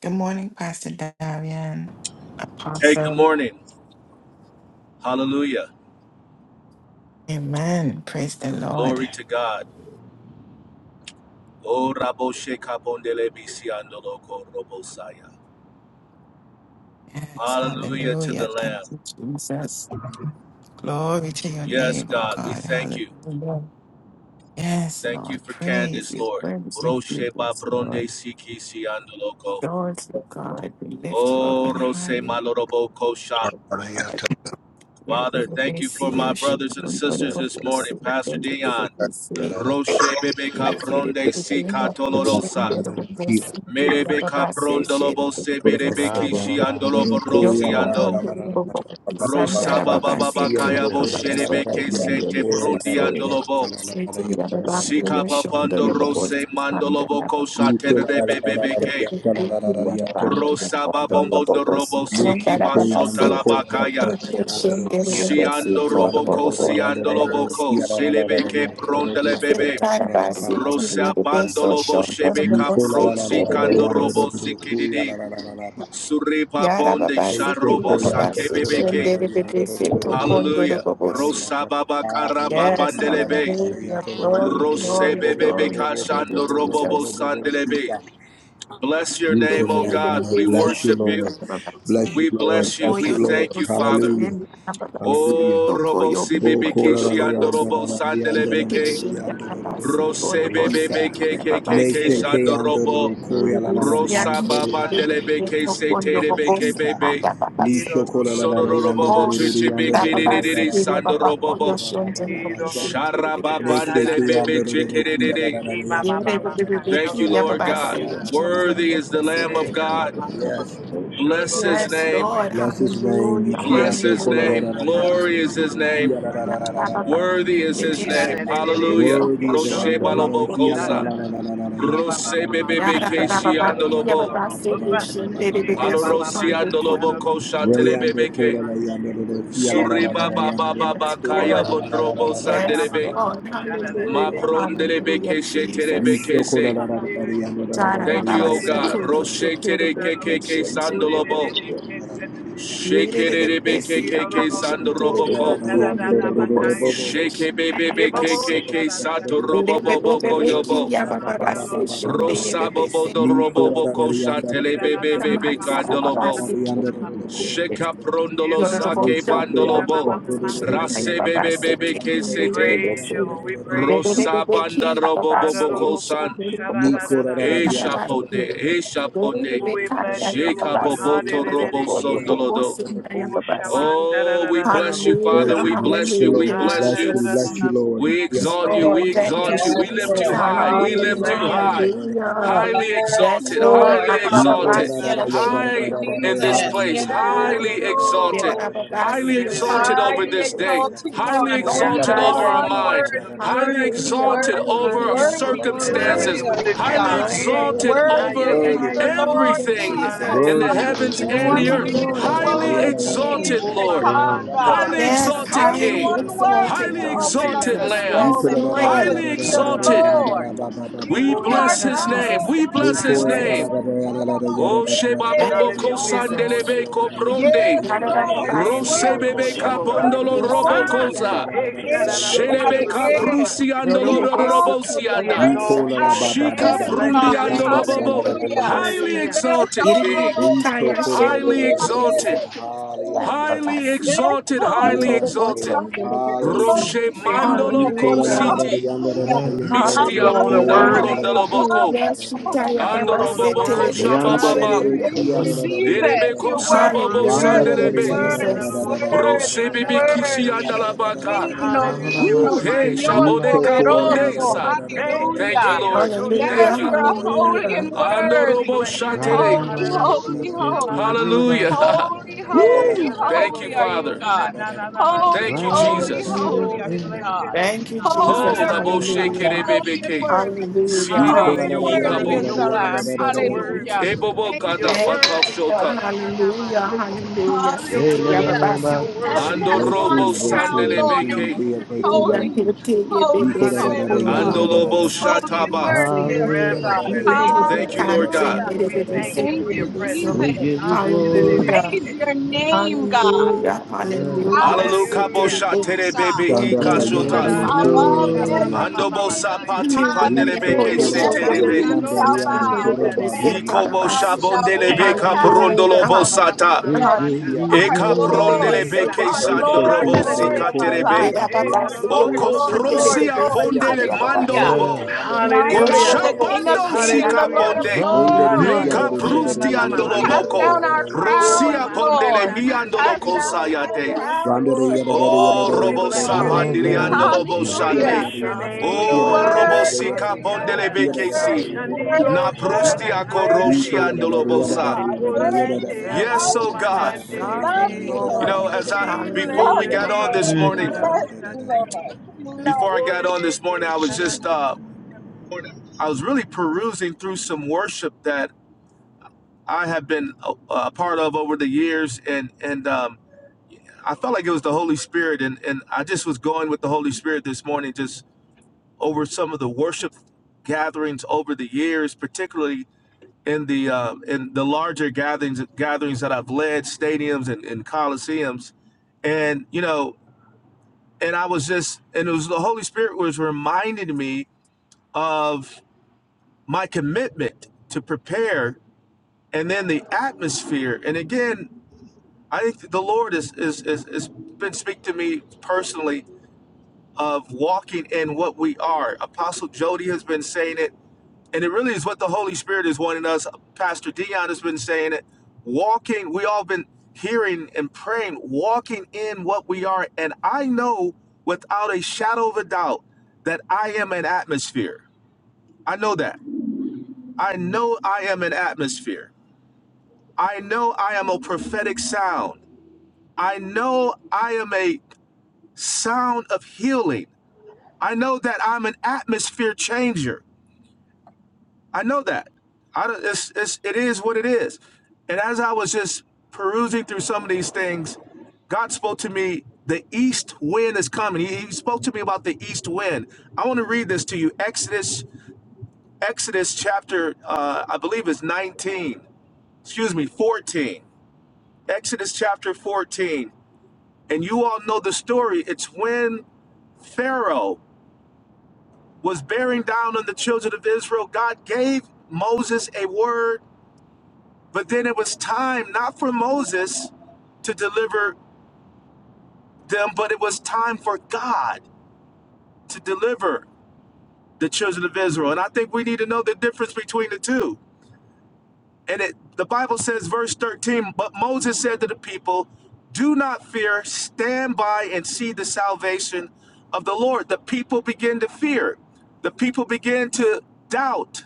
Good morning, Pastor Darian, Hey, good Apostle. morning. Hallelujah. Amen. Praise the Lord. Glory to God. Oh, Rabo Shekapondele Bisiandoloko Robosaya. Yes, Hallelujah to the hallelujah. Thank Lamb. you, Jesus. Glory to your Yes, name, oh God, we God. thank you. Hallelujah. Yes, Thank you Lord. for Praise Candace, you. Lord. Praise you, Roshe Jesus, Babronde Lord. Siki Siandoloko. Lord, to God, we lift you up Oh, and Rose high. We Malorobo Kosha. Thank God. Father, thank We you see for you, my brothers and Shukun, Lord, sisters above this us. morning. Pastor Thank you, Dion. we see. Roshe Bebe Thank Capronde Sika Tolorosa. Melebeka prondolobo sebelebeki Rabba Baba shiandolobo Sita Kereba rosiando. Rosaba baba bakaya bo Rebebe sherebeke Sheteke sete brundi andolobo. Sika papando Ananaba rose mandolobo kosha you. Shete terebebebeke. Kereba Rosaba bombo dorobo siki basho talabakaya. Siando roboko you. siandoloboko Shete selebeke prondelebebe. Kereba Sekarabasi kiriyababaso Ranana Rosabandolobo Mama shebeka Nicola shondorobose Sete la la la Shete pronsi la la yanda do kiriyababaso kandorobo do do do ya sikididi. la la la la Kereba la. Sakabu Suripabonde They yarababasi say sharobo to Shete yanda kiriyababasi do la la la sakebebeke. la Kereba yanda do shonderebebese do do do do yanda la Hallelujah. la la la tokondorobose. yanda. Rosababa Hallelujah. Yes, Ki ya la la Yes, we la karababandelebe. la la give you ya hallelujah, to lo glory. lo lo glory, lo lo lo bo glory, bo bo bo Rosebebebe glory. bo bo Thank bo bo you, kashando bo bo robobo Jesus. bo bo bo bo. sandelebe. Sita. Bless your Ranana name, Nicola O la la la God. la. We Kiriyababaso Bless you, worship Mama you. Lord. Sete shondorobose. Bless you, We Lord. bless you. Bless We you, Lord. thank you, Oyorobose Father. Hallelujah. shondorobose. Hallelujah. Oh, robo Oh, sibibiki kola la la shiando Tokoyobondorobose. yanda robo la la la yanda la la la sandelebeke. la yanda la la la la Kishondorobose, bo bo bo kolobose, Shete shika. Rosebebebeke Kereba Ne kayababase. kekeke sheke shando yanda la robo. la koya la Oh, Ramana la la la Mama yanda la la Rosababa Sete la la Kereba la ndelebeke la la la Shantiro la la bo bo setelebeke shika. bebe. Ni no shoko la no la la la no bo yanda Shete la Sororobobo la la la Kereba chichibi yanda la la shatana. kidididi la la la ba ba ba ba ba sandorobobo. ba ba ba ba ba Shantiro no shanda. no Ne shatana Sharababandele sheke ne ne bebe yanda ne la la la koya la la chikidididi. la Ki la ba ba yanda ba la la ba la la la ka la ba Thank shoro you, ba ba no Lord ba no ba God. ba shan. ba ba ba ba Worthy is the shanda Lamb la E la of la la ba God. la. ba ba ba. Yes. Shoro no Bless no his Yes, name. Lord, no. Bless Yes. his hallelujah, name. Thank Shake you, Bless his hallelujah. Father. name. Sasama Glory is his name. Worthy is his Kira name. de de de de Jesus. Hallelujah. Siki Worthy is a Shoro Roshe lamb. Hallelujah. balobokosa. Shandana Kiba Rose Baba Baba bebebe Yada Baba, Baba, Shaka ba keshi Baba, Sharo ki ya ba andolobo. ba Bodono say yes Busa Hallelujah, shin baby baby Mika so Baba Baba Alorosi Tony will call andolobo Sharo you. kosha telebebeke. Yes Suriba God, yes baba God, baba Yes, thank you kaya Lord. Jesus bondrobo we give you Yes, Shaba glory. sandelebe. Baba Lord. Shara de de Ma de Hallelujah. Siki Hallelujah, prondelebeke Jesus. shetelebeke se. Hallelujah, Yada Baba, Thank Baba, you, ba O si God. ku yo shu Roshe tu du tere bu hallelujah ku kekeke shin tu du bu sandolobo. ku. Hallelujah Yere de de be Shekerebeke si ya ka keke shin tu du bu sandoroboko. Nico ku ku du du Baba, ku si Yidododododoboshandadadadabakaya. si shi Sheke ya da bebebe ba si. kekeke sato Yere Yekeboboshadadadadadada. be be be Baba, roboboboko Baba, yobo. ya ba ba ba si shin de ye be be Rosabobo si ho Shamandodododobosibidibidi. tu du bu doroboboko ku. shatele bebebe kandolobo. Thank Kidadadadadabakosabakosabak. Sheka prondolo sake bandolobo. Rase Yidodododoboshabababakadadadada. bebebe We kese te. praise you, Lord. We praise you, Lord. Rosabanda roboboboko san. E Adadododoboshabadadadadadaba. shapone, e shapone, Oh, We bless you, Lord. shekapoboto robo Hallelujah. sondolodo. Oh, you. shaman, da da Oh, da we da da da, bless you, bosa. Bless Hallelujah, Father. you, We bless bless you, you. We hallelujah, Lord. Ah, bless da Bless you. da you, da Jesus. bless you, da We Lord. Yes, exalt you. da. We Lord, thank you, exalt you. Yes, We lift Jesus. you Lord. high. We We lift Hallelujah, bless you Hallelujah. you, high. Jesus. We hallelujah. Highly bless you, Yes, exalted. Oh, we Lord. Lord. Highly bless you, Lord exalted. Abababasi, Hallelujah. God. Thank you, Ashondo, High in Dobobose, this Jesus. place. Oh, Yes, Kidododode. do Highly do do do do, exalted. Lord. bosa, ki Highly de Yedababasi, de de de exalted Oshondo, ke. over Highly this day. Yedobose, exalted Highly one. Oh, you're Only exalted over highly our Kisindadababasi. one minds. exalted, oh worthy, God. Highly worthy, Hallelujah, exalted worthy, over our Highly hallelujah, worthy, exalted. Yes, worthy Hallelujah. circumstances. We glory, are lift you, you high Highly God. high. and lifted Eh. up. glory, exalted Ah, yeah, Worthy over glory, yeah, is Worthy, yeah, the yeah. Lord. Lord hallelujah, everything God Jesus. in the Worthy, Hallelujah. Lord. Almighty, heavens the Da and da High one the Thank da who you, earth. is Lord, and da. Highly was and glory. is exalted, Oh, to Lord Baba, come, ma, Yes, God. thank you, da, highly da, da, Father. da, Yes, da, exalted Only da, highly King, one worthy exalted, to highly Lord Eh, open up da, exalted da, the Jesus. da, da, Lamb, scroll Yes, da, and break da, the Lord. highly da, da, da, seals, da, exalted. da. Lord. We Oh, You da, are da, Thank bless you, da, his da, God ma, name. Jesus. sha, We Thank in you, bless Almighty. thine his we exalt. Jesus. name. Oh Sheba Bobo Thank you, Hallelujah. We exalt Jesus. Sandelebe you, O God. Copronde. Yes, We bless Lord, your you're name. Rose We Yarababasiko exalt Bebe worthy. you, O yoshondo God. Worthy, Capondolo yobobosi Robo Ah, Almighty, Cosa. I eh, sha, yababakese am da, da, do, who I sha, Shelebe ba, ba, nderebese. am. si, Caprusiandolo You are Yorobobosi the We Robosianda. great exalt Nicola, yababashanda I you, O ba ba God. ba Shika We yababasi ba am, ba bless ba, your God. name. Sanda, Prundiandolo la la la Bobo. nderebesoshondo la la la Hallelujah. la Highly yobobosi. Hallelujah. la. Yes, exalted oh, King. Robo, Iribibika Rito Saraba, yashende Highly kororororo yandere. exalted. yebebese Saraba, Highly Hallelujah. yababasi. Yes, exalted. Highly Lord. Yes, exalted. Lord. Yitoroboshonde Hallelujah, yobobosi. Hallelujah. Roshé exalted We one, exalt Mandolo your Rito name, Ko la God. la Hallelujah. God. la la City, yandere Hallelujah Hallelujah. You Mistia yandere above alone are it Punda Hallelujah, all, worthy. above Brondaloboko, kororororo hallelujah. it all, Shitaya my You Baba yandere. Lord. alone are Sete Andoroboboko worthy. Hallelujah. dedication Shabababa, to your Hallelujah. Thank No, you, no, purpose. no, no. Jesus. Erebeko You're Of all worthy, Sabobo honor and worthy, Hallelujah, glory. Sandelebe, Hallelujah. worthy, Jesus. worthy, Brosebibi Kishi worthy. Andalabaka, Digno, Hallelujah. From digno, Ooh, the hey, rising of the Señor sun to Shabodeka the going down of the poderoso. Bondesa. sea. Hey, Thank you, Hallelujah. hey, ha, Lord. jo, sha, Yes, Hallelujah, da, Thank you. da, da, you're bo, sha. holy hallelujah. and We Andorobo worthy. bless your name. Shatele, Ha, Holy, da, da, do, do, holy, do, sha, ba, ba, holy. ba, la, ka. hallelujah. Holy, Hey, holy, ha, Woo, da, da, thank do, you, holy do, are do, do, you, Father. God. sha, da, da, da, ba, sa. Holy, Thank you, holy, Jesus. holy Oh, are we you, bless your God. Thank name. you, Ha, Holy Jesus. Ho da, are la da, bo do, you, do, God. Randa she do, Hallelujah, kere sha. bebe Holy and ke. worthy. hallelujah, Breakthrough, Holy CDD Hallelujah. and You're yi hallelujah. worthy worthy. papo. is You're the Yokobosi Lamb. worthy. You're Sete de worthy. Hallelujah. vacation. Ebobo Thank You're kada you, Thank bakal you, Jesus. worthy. Lord. shota. Hallelujah, Ha-na-na-na-ma-sha-ta. hallelujah. You're Sitaya Hallelujah. Baba worthy. You're Sete devotion Heaven worthy. to Ando You're has your one robo worthy. You're breakthrough, sound, sandele Lord, holy. You're and breakthrough, it beke. holy. says, breakthrough, breakthrough, Hallelujah, Holy, breakthrough. hete ye holy, bebe holy sokondo God. ye Ando lobo Ha-da-di-da-do-do-do-do-do-sha-ta. Holy and shataba. bebe We worthy are you, reverence So God. your name, O God. Thank you, hallelujah, Lord God. Hallelujah. We thank you Thank for your you, presence. We Jesus. give you We glory. Hallelujah. praise your name, God. hallelujah, There's Yes. hallelujah. power Alalu So in kabo your good Hallelujah. of it. name, shatere God. bebe i When the We The devil give kashota. name does- you above glory. every Breakthrough. Ando bo name, Aradadokshabambababakaya. sapati You did Father. pandele Brito beke Hey, your se son, the Every Kuraba, devil terebe. knee does ananado shall it, and Sandariando the bow devil and Kuraba, does it, nanadiandarireki. every Iko bo Naniando tongue Tarabasi. shall Kuraba, shabondele Oto beka Babarianda, confess, the prondolo Hallelujah, bo shamasata Kuyana, Lord, the sata. hallelujah, Yanda, We that the give hallelujah. sabamamamaka. you you Kiana, So the are Eka the Yanda, devil Lord. prondele glory. does Yete You it, the beke sabo are they son, the shake Lord, devil sandorobo does Yanda, Lord the of it. kushandanadireki. our Yeah, sikaterebe. lives. Kuraba, the Baba, Hey, Yanda, Lord, the Basi, your O Lord, dadororo Kuyana, Lord, portion, the Yanda, Lord, coprosia samamamaka. the Lord. it, ponde le Kiana, the Yanda, the Hallelujah. Yanda, mandolobo. Yes, the My ko You're the Yanda, God, Hallelujah. the Bobo the Yanda, King the of Koshabando Vocation, Yanda, Kings and the sika Hallelujah. Lord of Tarabasi. ponde. Lord, we give Hallelujah. Lords. you Hallelujah. Meka prusti praise. We Shamamamamaka. cast andoloboko. Hallelujah, down our O crowns, Rosia hallelujah. baba ponde le Lord. We mananata cast miandoloko soro down our sayate. Yes, crowns Lord, yes, before O Oh, Lord, we robo you, bless your God. You're name, sapandiri God. holy hallelujah. andolobo We King. You Hallelujah. are bless shate. your We sovereign, name. Lord, O you are robo Hallelujah. worship sika you, sovereign, ponde Lord, le Lord. Sikanda. you You're are bekesi. worthy, sovereign, Lord. Shandiro Na worthy, prusti worthy, ako worthy Hallelujah, roshi are Sharadakaya. you, hallelujah. andolobosa. God. Thank you, Worthy. Orande We Jesus. Yes, love ando oh you, You God. are Lord. We manande love sovereign, deke. you, You Lord. know, Lord. as I We We bless before love we your you, got Hallelujah, on this Lord. name. Thank We you, morning, hallelujah. bless Father. Hallelujah. you, Lord. We before love I got you. on Orane this te morning, I was just sarana. uh I was really perusing through some worship that I have been a, a part of over the years, and and um, I felt like it was the Holy Spirit, and and I just was going with the Holy Spirit this morning, just over some of the worship gatherings over the years, particularly in the uh, in the larger gatherings gatherings that I've led, stadiums and, and coliseums, and you know, and I was just, and it was the Holy Spirit was reminding me of my commitment to prepare and then the atmosphere and again i think the lord is is is, is been speaking to me personally of walking in what we are apostle jody has been saying it and it really is what the holy spirit is wanting us pastor dion has been saying it walking we all been hearing and praying walking in what we are and i know without a shadow of a doubt that i am an atmosphere i know that i know i am an atmosphere i know i am a prophetic sound I know I am a sound of healing. I know that I'm an atmosphere changer. I know that. I don't, it's, it's, it is what it is. And as I was just perusing through some of these things, God spoke to me. The east wind is coming. He, he spoke to me about the east wind. I want to read this to you. Exodus, Exodus chapter, uh, I believe it's 19. Excuse me, 14. Exodus chapter 14. And you all know the story. It's when Pharaoh was bearing down on the children of Israel. God gave Moses a word, but then it was time not for Moses to deliver them, but it was time for God to deliver the children of Israel. And I think we need to know the difference between the two. And it the Bible says verse 13, but Moses said to the people, "Do not fear, stand by and see the salvation of the Lord." The people begin to fear. The people begin to doubt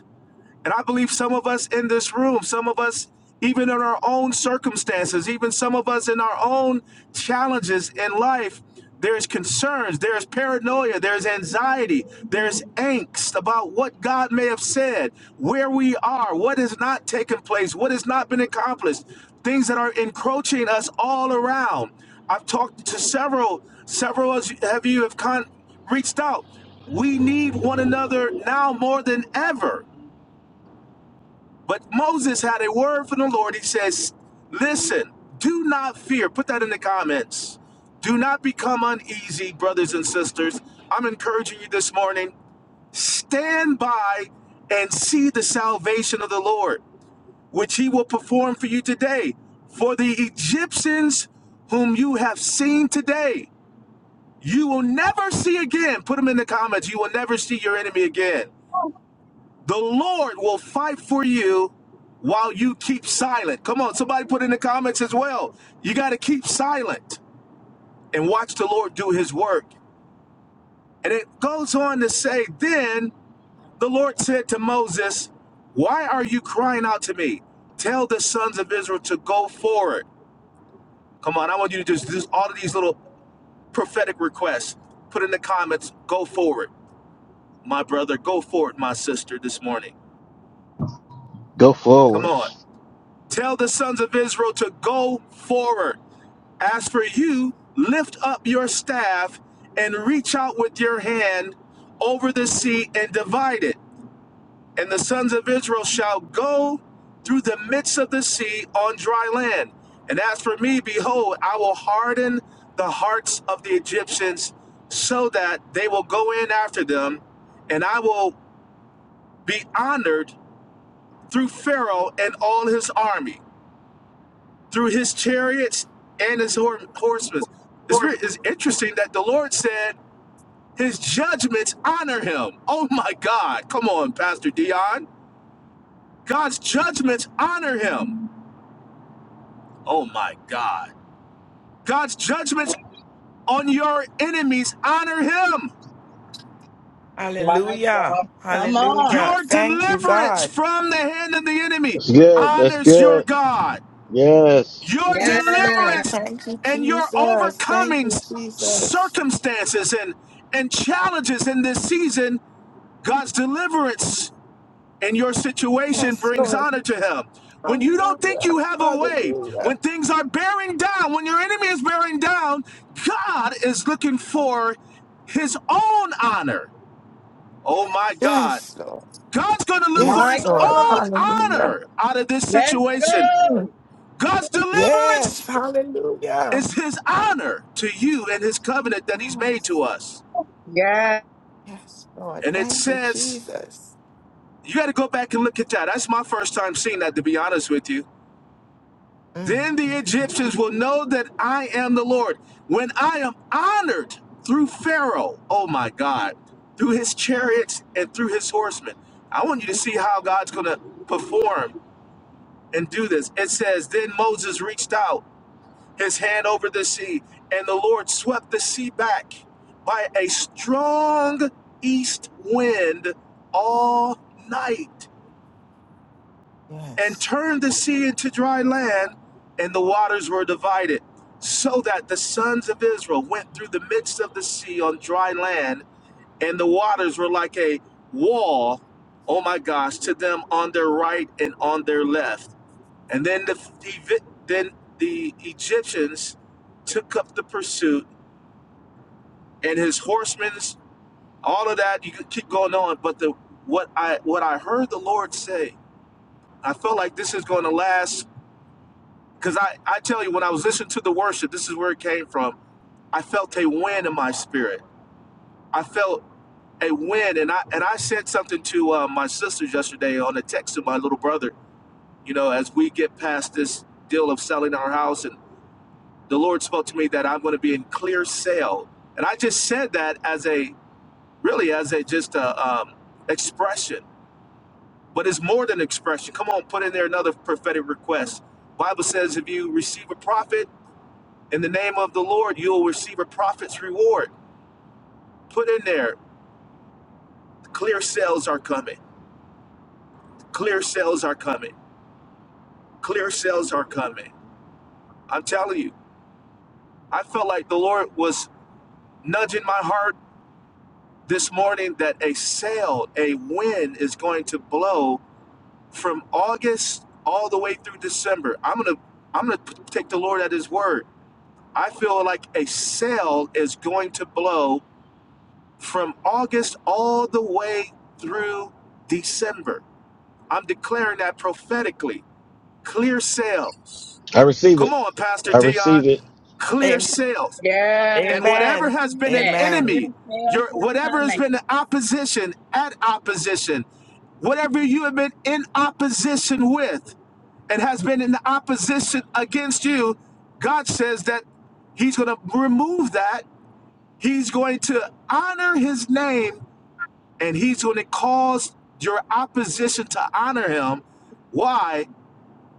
And I believe some of us in this room, some of us even in our own circumstances, even some of us in our own challenges in life, there's concerns, there's paranoia, there's anxiety, there's angst about what God may have said, where we are, what has not taken place, what has not been accomplished, things that are encroaching us all around. I've talked to several, several of you have con- reached out. We need one another now more than ever. But Moses had a word from the Lord. He says, Listen, do not fear. Put that in the comments. Do not become uneasy, brothers and sisters. I'm encouraging you this morning. Stand by and see the salvation of the Lord, which he will perform for you today. For the Egyptians whom you have seen today, you will never see again. Put them in the comments. You will never see your enemy again. The Lord will fight for you while you keep silent. Come on, somebody put in the comments as well. You got to keep silent and watch the Lord do his work. And it goes on to say, Then the Lord said to Moses, Why are you crying out to me? Tell the sons of Israel to go forward. Come on, I want you to just do all of these little prophetic requests. Put in the comments, go forward, my brother, go forward, my sister, this morning. Go Come forward. on. Tell the sons of Israel to go forward. As for you, lift up your staff and reach out with your hand over the sea and divide it. And the sons of Israel shall go through the midst of the sea on dry land. And as for me, behold, I will harden the hearts of the Egyptians so that they will go in after them, and I will be honored through Pharaoh and all his army. through his chariots and his hor- horsemen. It's, very, Lord. it's interesting that the Lord said his judgments honor him. Oh my God. Come on, Pastor Dion. God's judgments honor him. Oh my God. God's judgments on your enemies honor him. My Hallelujah. God. Come on. Hallelujah. Your Thank you, deliverance God. from the hand of the enemy That's good. That's honors your good. God. Yes, Your Yes. Yes, Lord. deliverance Thank you, and your Jesus. Thank overcoming you, Jesus. circumstances and, and challenges in this season, God's deliverance in your situation Yes, brings Lord. honor to Him. When you don't think Hallelujah. you have a way, Hallelujah. when things are bearing down, when your enemy is bearing down, God is looking for His own honor. Oh my God. Yes, Lord. God's going to look for Yes, My his Lord. own God. Hallelujah. honor out of this Let's situation. Mm. go. God's deliverance Yes. Hallelujah. It's his honor to you and his covenant that he's made Yes. to us. Yes. Yes, Lord. And it Thank you, says, Jesus. you got to go back and look at that. That's my first time seeing that, to be honest with you. Mm, Then the mm, mm. Egyptians will know that I am the Lord when I am honored through Pharaoh, oh my God, through his chariots and through his horsemen. I want you to see how God's going to perform and do this. It says, Then Moses reached out his hand over the sea, and the Lord swept the sea back by a strong east wind all night, and Yes. turned the sea into dry land, and the waters were divided, so that the sons of Israel went through the midst of the sea on dry land, and the waters were like a wall, oh my gosh, to them on their right and on their left. And then the the then the Egyptians took up the pursuit, and his horsemen's all of that. You could keep going on, but the what I what I heard the Lord say, I felt like this is going to last. Because I I tell you, when I was listening to the worship, this is where it came from. I felt a wind in my spirit. I felt a wind, and I and I said something to uh, my sisters yesterday on a text to my little brother. You know, as we get past this deal of selling our house and the Lord spoke to me that I'm going to be in clear sale. And I just said that as a really as a just a um, expression, but it's more than expression. Come on, put in there another prophetic request. Bible says if you receive a prophet in the name of the Lord, you'll receive a prophet's reward. Put in there, clear sales are coming. Clear sales are coming. Clear sales are coming. I'm telling you, I felt like the Lord was nudging my heart this morning that a sail, a wind is going to blow from August all the way through December. I'm going to I'm going to take the Lord at his word. I feel like a sail is going to blow from August all the way through December. I'm declaring that prophetically. Clear sails. I receive Come it. on, Pastor I Dion. receive it. Clear Am- sails. Yes. And I whatever Amen. has receive been an it. Amen. Clear enemy, sales your are whatever has coming. been the opposition, at opposition, whatever you have been in opposition with and has been in opposition against you, God says that He's going to remove that. He's going to honor His name and He's going to cause your opposition to honor Him. Why?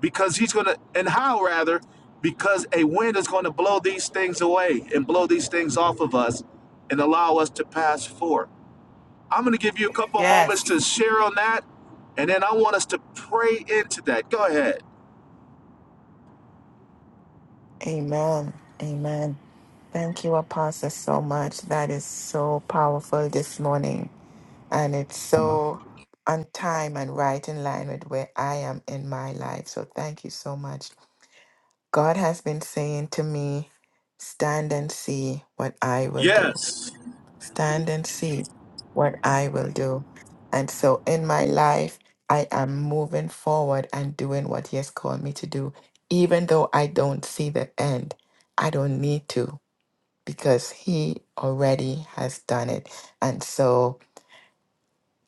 because he's going to, and how rather, because a wind is going to blow these things away and blow these things off of us and allow us to pass forth. I'm going to give you a couple of moments Yes. to share on that, and then I want us to pray into that. Go ahead. Amen. Amen. Thank you, Apostle, so much. That is so powerful this morning. And it's so on time and right in line with where I am in my life. So thank you so much. God has been saying to me, Stand and see what I will do. Yes. Stand and see what I will do. And so in my life, I am moving forward and doing what He has called me to do, even though I don't see the end. I don't need to because He already has done it. And so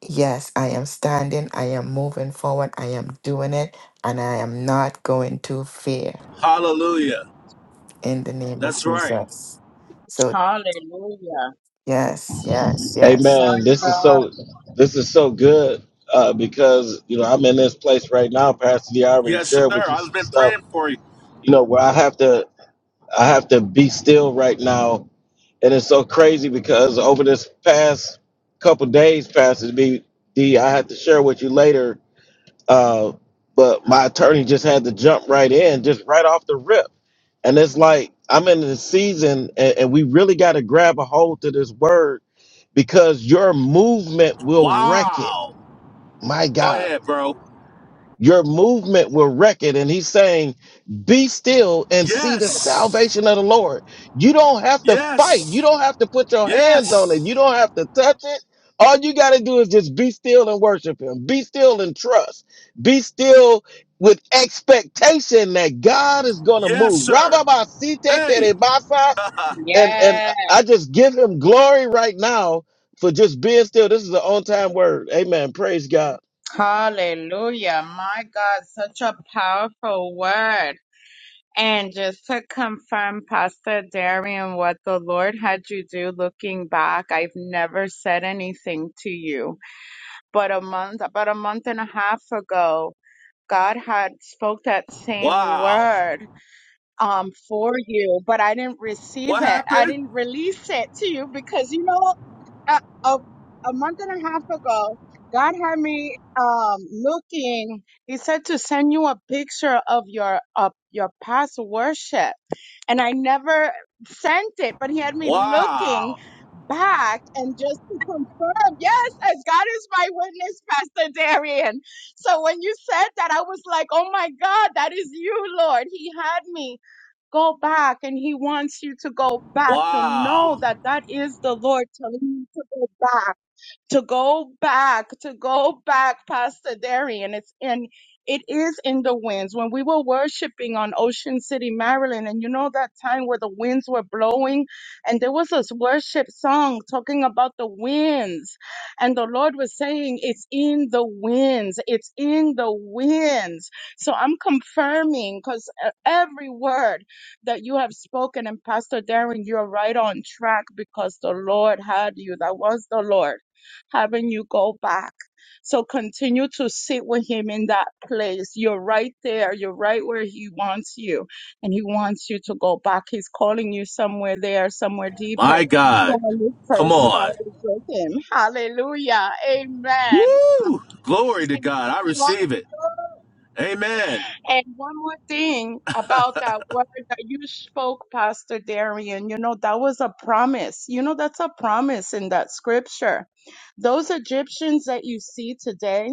Yes, I am standing, I am moving forward, I am doing it, and I am not going to fear Hallelujah. in the name of That's right. Jesus. So, Hallelujah. yes, yes, yes. My Amen. This is God. so. This is so good uh, because you know I'm in this place right now. Pastor D I already Yes, sir. shared with you I've some been stuff. praying for you. You know where I have to. I have to be still right now And it's so crazy because over this past couple days, Pastor B, D, I had to share with you later, uh, but my attorney just had to jump right in, just right off the rip. And it's like, I'm in the season and, and we really got to grab a hold to this word because your movement will wreck it. Wow. My Go God ahead, bro. your movement will wreck it. And he's saying, be still and see the Yes. salvation of the Lord. You don't have to fight. You Yes. don't have to put your hands on it. Yes. You don't have to touch it. All you got to do is just be still and worship him. Be still and trust. Be still with expectation that God is going to Yes, move. sir. Rababasite Hey. kerebasa. And, and Yes. I just give him glory right now for just being still. This is an on time word. Amen. Praise God. Hallelujah. My God, such a powerful word. And just to confirm, Pastor Darian, what the Lord had you do looking back, I've never said anything to you. But a month, about a month and a half ago, God had spoke that same wow. word um for you, but I didn't receive What it. I happened? didn't release it to you because you know a, a, a month and a half ago, God had me um looking. He said to send you a picture of your of your past worship, and I never sent it. But He had me looking Wow. back and just to confirm, yes, as God is my witness, Pastor Darian. So when you said that, I was like, oh my God, that is you, Lord. He had me. Go back, and He wants you to go back to know Wow. that that is the Lord telling you to go back to go back, to go back, Pastor Darian. It's in, it is in the winds. When we were worshiping on Ocean City, Maryland, and you know that time where the winds were blowing, and there was this worship song talking about the winds, and the Lord was saying, It's in the winds, it's in the winds. So I'm confirming because every word that you have spoken, and Pastor Darren, you're right on track because the Lord had you. That was the Lord having you go back. So continue to sit with him in that place. You're right there. You're right where he wants you. And he wants you to go back. He's calling you somewhere there, somewhere deeper. My God. From when you Come first on. started with him. Hallelujah. Amen. Woo! Glory to God. I receive it. Amen. And one more thing about that word that you spoke, Pastor Darian, you know, that was a promise. You know, that's a promise in that scripture. Those Egyptians that you see today,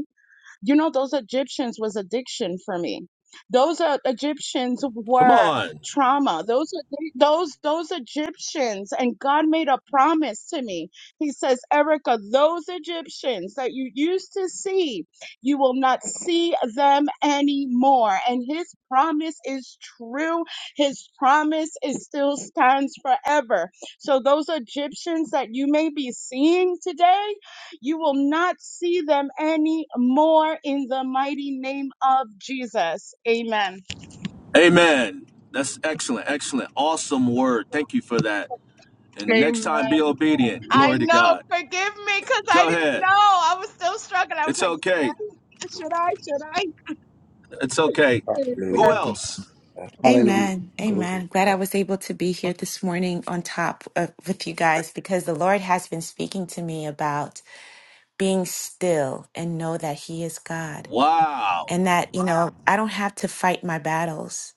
you know, those Egyptians was addiction for me. Those uh, Egyptians Come were on. trauma. Those are- those those Egyptians, and God made a promise to me. He says, Erica, those Egyptians that you used to see, you will not see them anymore. And His promise is true. His promise is still stands forever. So those Egyptians that you may be seeing today. You will not see them anymore in the mighty name of Jesus. Amen. Amen. That's excellent. Excellent. Awesome word. Thank you for that. And next time, Amen. be obedient. I Glory to know. God. Forgive me because I Go didn't ahead. know. I was still struggling. I was It's like, should okay. I? Should I? Should I? It's okay. Who Amen. else? Hallelujah. Amen. Glory to Amen. Glad I God. was able to be here this morning on top of, with you guys because the Lord has been speaking to me about being still and know that He is God Wow. and that, you know, I don't have to fight my battles.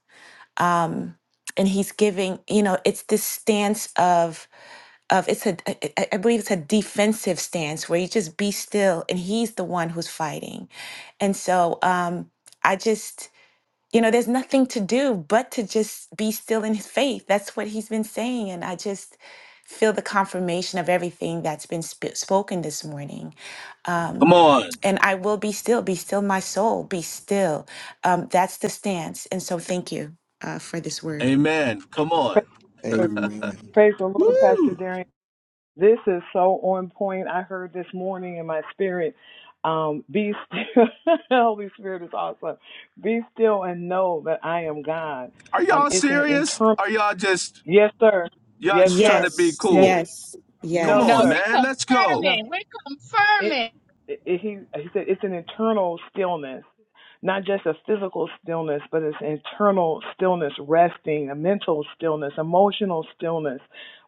And He's giving, you know, it's this stance of, of it's a, I I- I believe it's a defensive stance where you just be still and He's the one who's fighting. And so, um, I just, you know, there's nothing to do but to just be still in his faith. That's what he's been saying. And I just feel the confirmation of everything that's been sp- spoken this morning. Come Um, on. and I will be still, be still my soul, be still. Um, that's the stance. And so thank you uh, for this word. Amen. Come on. Amen. Praise the Lord, Pastor Woo! Darian. This is so on point. I heard this morning in my spirit, um, be still. Holy Spirit is awesome. Be still and know that I am God. Are Um, y'all it's an serious? internal. Are y'all just Yes, sir. y'all Yes, just trying sir. to be Yes, Yes, cool? sir. yes, Come No, on, No, sir. yes. we man. Let's go. No. confirming. We're It, confirming. it, he he said it's an internal stillness not just a physical stillness, but it's internal stillness, resting, a mental stillness, emotional stillness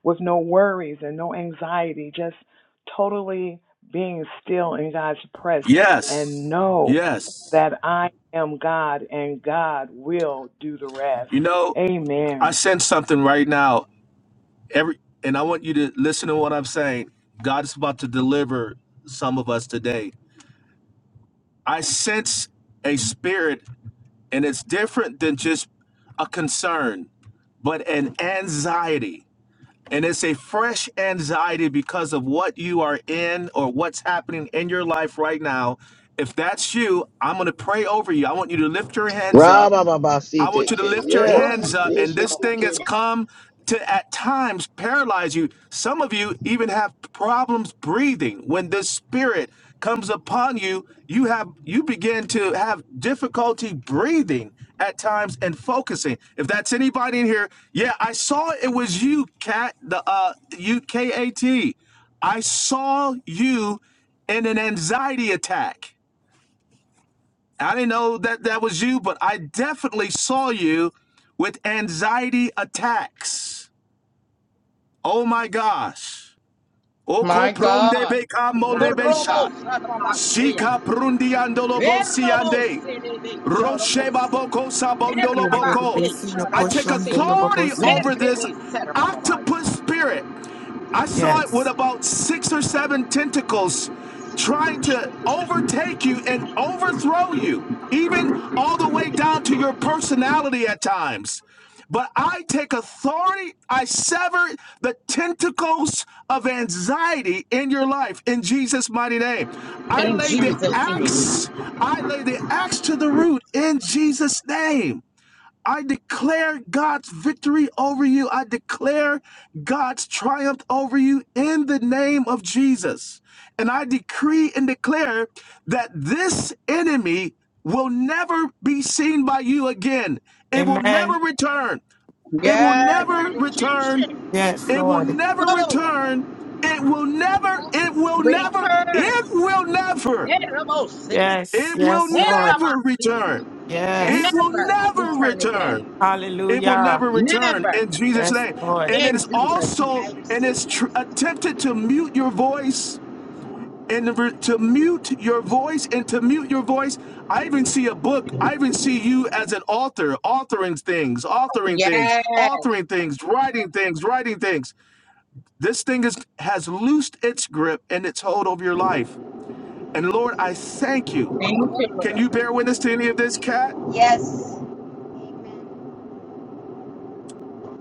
with no worries and no anxiety, just totally being still in God's presence Yes. and know Yes. that I am God and God will do the rest. You know, I Amen. sense something right now. Every and I want you to listen to what I'm saying. God is about to deliver some of us today. I sense a spirit and it's different than just a concern, but an anxiety. And it's a fresh anxiety because of what you are in or what's happening in your life right now. If that's you, I'm going to pray over you. I want you to lift your hands up I want you to Rabababasiteke. lift your hands Yes. up, and this thing has Yeshateke. come to at times paralyze you. Some of you even have problems breathing. When this spirit comes upon you, you have you begin to have difficulty breathing at times and focusing. If that's anybody in here, yeah, I saw it was you, Kat. the uh U K A T. I saw you in an anxiety attack. I didn't know that that was you, but I definitely saw you with anxiety attacks. Oh my gosh. Oko pronde beka Orobos, molebesha. Orobos, Amen. Sarabashea, Sika prundi Erobos, andolo Rosheba boko sabondolo boko. I take authority over this octopus spirit. I saw it with Yes. about six or seven tentacles trying to overtake you and overthrow you, even all the way down to your personality at times. But I take authority, I sever the tentacles of anxiety in your life in Jesus' mighty name. I In lay the Jesus' name. axe I lay the axe to the root in Jesus' name. I declare God's victory over you. I declare God's triumph over you in the name of Jesus. And I decree and declare that this enemy will never be seen by you again. It will never Amen. return. It will Yes, that never return. Egyptian. Yes, It will Lord. never Go. return. It will never, it will never, Return. it will never, Nerabose. Yes, it will yes, Lord. never Nerabase. return. It Amen. Yes. will Never never return again. return. It will Hallelujah. never return Never. in Jesus' Yes, name. Lord. And In it is Jesus' Jesus' name, also, I name. and receive it's tr- attempted to mute your voice and re- to mute your voice and to mute your voice. I even see a book. I even see you as an author, authoring things, authoring things, Yes. authoring things, writing things, writing things. This thing is, has loosed its grip and its hold over your life. And it. Lord, I thank you. Thank you, Can Lord. you bear witness to any of this, Cat? Yes. Amen.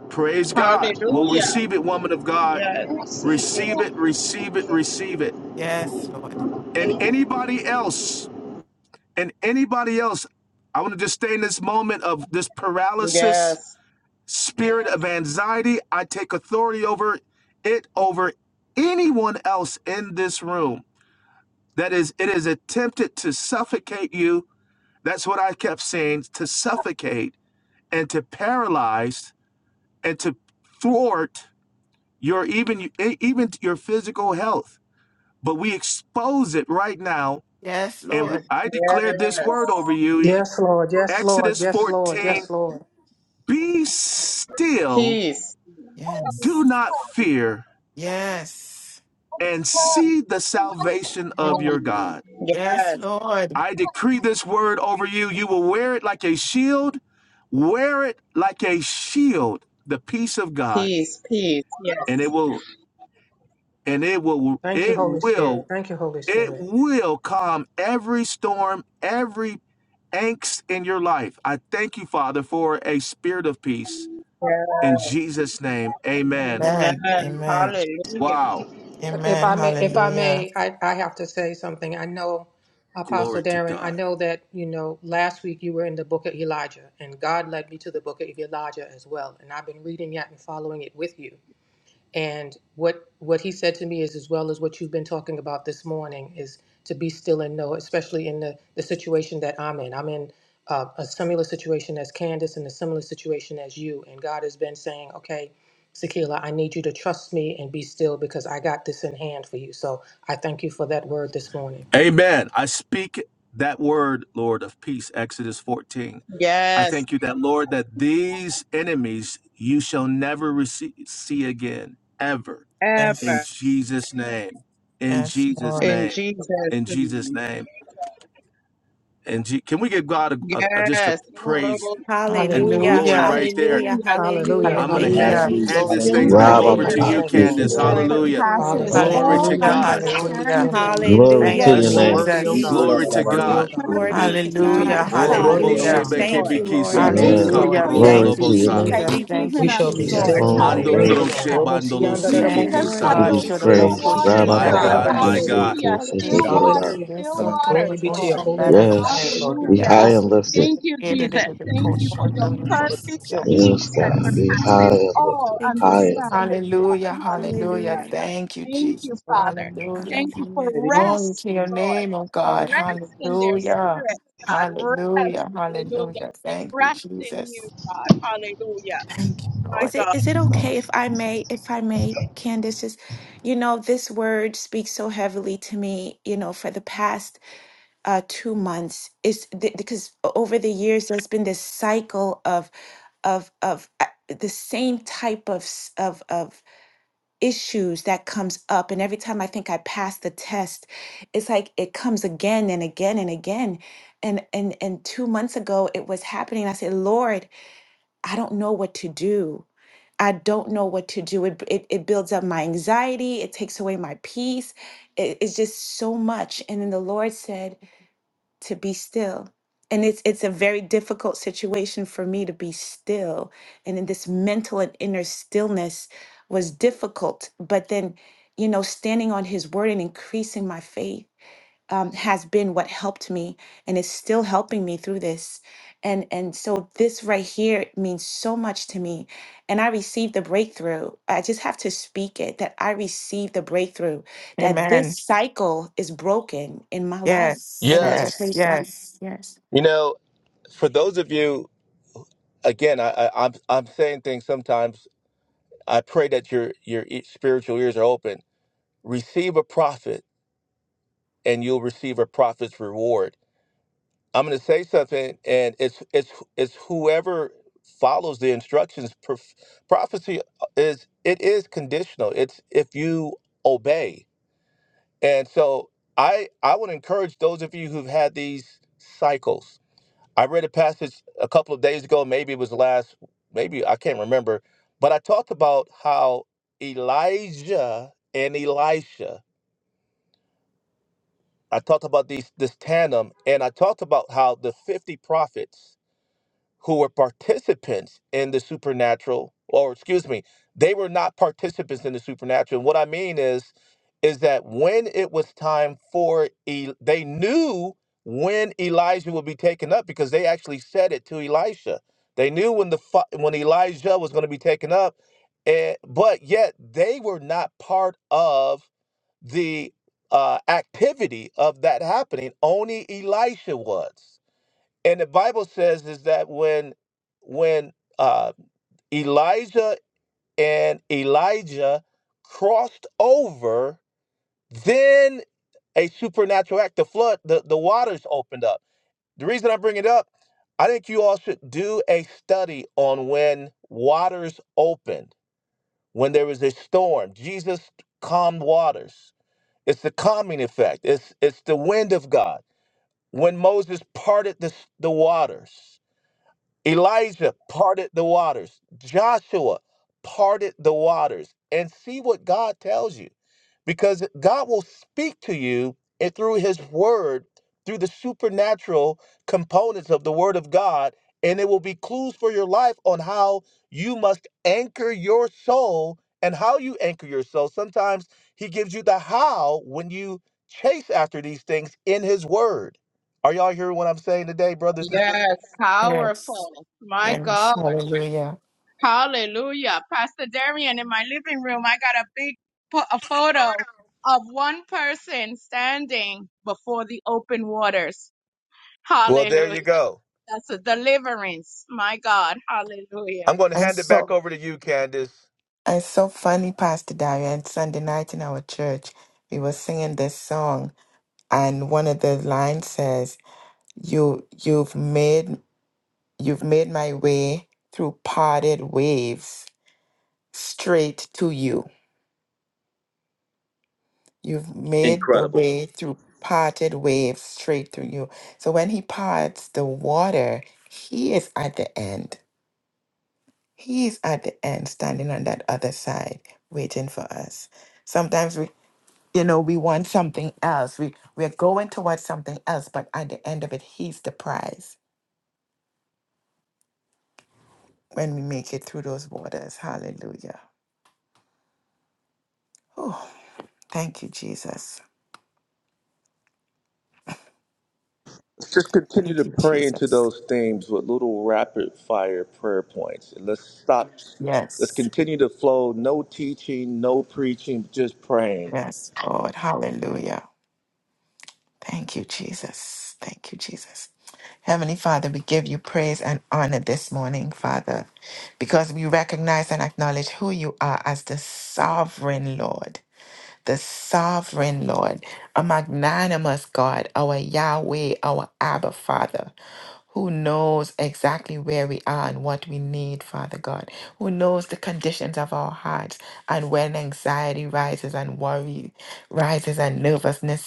Praise God. Well, Hallelujah. receive it, woman of God. Yes. I receive it. Receive I it, receive it, receive it. receive it. Yes, Lord. And Thank anybody else, and anybody else, I want to just stay in this moment of this paralysis, Yes. spirit of anxiety. I take authority over it, over anyone else in this room. That is, it is attempted to suffocate you. That's what I kept saying to suffocate and to paralyze and to thwart your even e- even your physical health. But we expose it right now, Yes, and Lord. I declare this Yes. word over you: E, Yes, Lord. Yes, Lord. Exodus Yes, Lord. 14. Yes, Lord. Be still, Peace. Yes. do not fear, Yes. and see the salvation of your Mm. God. Yes, Yes. Lord. I decree this word over you. You will wear it like a shield. Wear it like a shield, the peace of God, Peace. Peace. Yes. and it will and it will Thank you, it Holy will Spirit. Thank you, Holy It Spirit. will calm every storm, every angst in your life. I thank you, Father, for a spirit of peace. yes. In Jesus' name, amen. Amen. Amen. Amen. Hallelujah. Wow. If Amen. I may, if I Hallelujah. may, I, I have to say something. I know, Apostle Glory to Darren, I God. know that, you know, last week you were in the book of Elijah, and God led me to the book of Elijah as well. And I've been reading that and following it with you. And what what he said to me is as well as what you've been talking about this morning is to be still and know, especially in the, the situation that I'm in. I'm in uh, a similar situation as Candace and a similar situation as you. And God has been saying, okay, Sakila, I need you to trust me and be still because I got this in hand for you. So I thank you for that word this morning. Amen. I speak that word, Lord, of peace, Exodus 14. I Yes. thank you that, Lord, that these enemies you shall never receive, see again, ever. In Ever. Yes. Jesus' name. In Yes, Jesus' Lord. In name. Jesus' In Jesus' name. name. And gee, can we give God a, a, a- just a Yes. praise Hallelujah. and Hallelujah, glory Hallelujah. right there? hallelujah, Thank you, Hallelujah. hallelujah. I'm going to Jesus. Thank Hallelujah. you, hand, Hallelujah. Hallelujah. hand Glory Jesus. this be to thing Thank Hallelujah. the you back holy for Glory and over to your to righteous Hallelujah. you, name, God. Thank you, Lord. Candace. peace Glory that to Rabababasiteke. Lord. God. Thank Hallelujah. you, Lord. Ikola surpasses la Thank Hallelujah. you, Glory all to Hallelujah. Jesus. God. Glory be to Hallelujah. your name, understanding. Lord. Glory Thank to Hallelujah. Your you, your You Thank are Let's you, name. worthy, perfect O Jesus. God. glory You are Jesus. to peace. worthy, Your O God. God. Glory be perfect to God. Hallelujah. peace, You Oh, are God. robo worthy, O Hallelujah. Hallelujah. Thank God. sebe you, Thank you, Lord. kebiki Lord. Thank siti Thank Yes, Yes. you you. Lord. Hallelujah. for your Yes, Lord. Glory Thank you, to your Thank peace kaporondolobosa. you. name. that Jesus. you've Thank you. Thank We given you, Thank shall you, us, be You Lord. Jesus. still Jesus. and alone know. are Mando Thank you, worthy Hallelujah. Lord. Hallelujah. broshe Robo Thank bandolo you. sianda da You Thank you, siki lead Thank di us you, by Lord. to God. Thank be sianda. sando. those you, Should Rebe still praised. Jesus. siki Thank you, waters, My manda da God. Lord. God, my si. Rabababasiteke. God. Hallelujah. Hallelujah. Hallelujah. Still Hallelujah, Shetekereba. waters, Hallelujah. still Glory waters, be to Lord. your Thank you, holy and righteous Jesus. name, Yes. Hallelujah. Lord God. Be high Hallelujah. and lifted. Thank you, Jesus. Mm. Thank you for your perfect Yes, peace Thank you, Lord. Thank that you, God. Lord. Be high surpasses and all lifted. Thank you, High and Jesus. lifted. understanding, God. hallelujah. Hallelujah. Hallelujah. Thank you, Thank Jesus. you, Father. Hallelujah. Thank you for Hallelujah. Glory rest, to your Lord. name, oh God. Father. Rest in their Hallelujah. spirit, God. Rest, Hallelujah, hallelujah. hallelujah. as They Thank you, rest in you, Jesus. God. Hallelujah. Thank you, My Lord. Is it God. Thank is it you, okay Lord. if I may if I may Candace just you know this word speaks so heavily to me you know for the past uh, two months is th- because over the years there's been this cycle of of of uh, the same type of s- of of issues that comes up and every time i think i pass the test it's like it comes again and again and again and and and 2 months ago it was happening i said lord i don't know what to do i don't know what to do it it, it builds up my anxiety it takes away my peace it, it's just so much and then the lord said to be still. And it's it's a very difficult situation for me to be still. And in this mental and inner stillness was difficult. But then, you know, standing on his word and increasing my faith um, has been what helped me and is still helping me through this. And and so this right here means so much to me. And I received the breakthrough. I just have to speak it that I received the breakthrough that this Amen. cycle is broken in my life. Yes, And I just Yes. yes, praise God. yes, Yes. You know, for those of you, again, I, I, I'm I'm saying things sometimes. I pray that your your e- spiritual ears are open. receive a prophet and you'll receive a prophet's reward. I'm going to say something and it's it's it's whoever follows the instructions Prof- prophecy is it is conditional. It's if you obey. And so I I would encourage those of you who've had these cycles. I read a passage a couple of days ago, maybe it was last maybe I can't remember, but I talked about how Elijah and Elisha I talked about these this tandem, and I talked about how the 50 prophets who were participants in the supernatural, or excuse me, they were not participants in the supernatural. And what I mean is, is that when it was time for, E- they knew when Elijah would be taken up because they actually said it to Elisha. They knew when the fi- when Elijah was going to be taken up, and but yet they were not part of the uh, activity of that happening. Only Elisha was, and the Bible says is that when when uh, Elijah and Elijah crossed over, then a supernatural act, the flood, the, the waters opened up. The reason I bring it up, I think you all should do a study on when waters opened, when there was a storm. Jesus calmed waters It's the calming effect. It's it's the wind of God. When Moses parted the, the waters, Elijah parted the waters, Joshua parted the waters. And see what God tells you because God will speak to you and through his word, through the supernatural components of the word of God, and it will be clues for your life on how you must anchor your soul and how you anchor your soul. Sometimes he gives you the how when you chase after these things in his word. Are y'all hearing what I'm saying today, brothers and sisters? Yes, yes, powerful. My yes. God. Hallelujah. Hallelujah. Pastor Darian, in my living room, I got a big po- a photo of one person standing before the open waters. Well, there Hallelujah. you go. That's a deliverance. My God. Hallelujah. I'm going to and hand it back so. over to you, Candace. It's so funny, Pastor Dario. And Sunday night in our church, we were singing this song, and one of the lines says, "You, you've made, you've made my way through parted waves straight to you. You've made the Incredible. way through parted waves straight to you." So when He parts the water, He is at the end. He is at the end, standing on that other side, waiting for us. Sometimes we you know we want something else we we're going towards something else but at the end of it he's the prize when we make it through those waters hallelujah oh thank you jesus thank you jesus yes yes lord hallelujah thank you jesus thank you jesus heavenly father we give you praise and honor this morning father because we recognize and acknowledge who you are as the sovereign lord the sovereign Lord, a magnanimous God, our Yahweh, our Abba Father, who knows exactly where we are and what we need, Father God, who knows the conditions of our hearts and when anxiety rises and worry rises and nervousness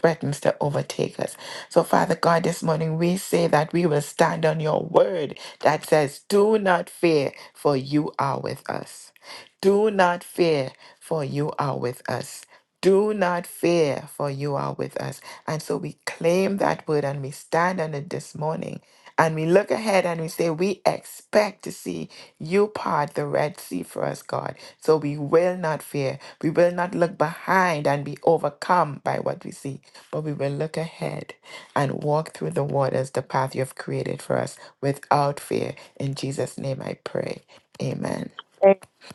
threatens to overtake us. So, Father God, this morning we say that we will stand on your word that says, Do not fear, for you are with us. Do not fear, for you are with us. Do not fear, for you are with us. And so we claim that word and we stand on it this morning. And we look ahead and we say, We expect to see you part the Red Sea for us, God. So we will not fear. We will not look behind and be overcome by what we see but we will look ahead and walk through the waters, the path you have created for us without fear. In Jesus' name I pray. Amen.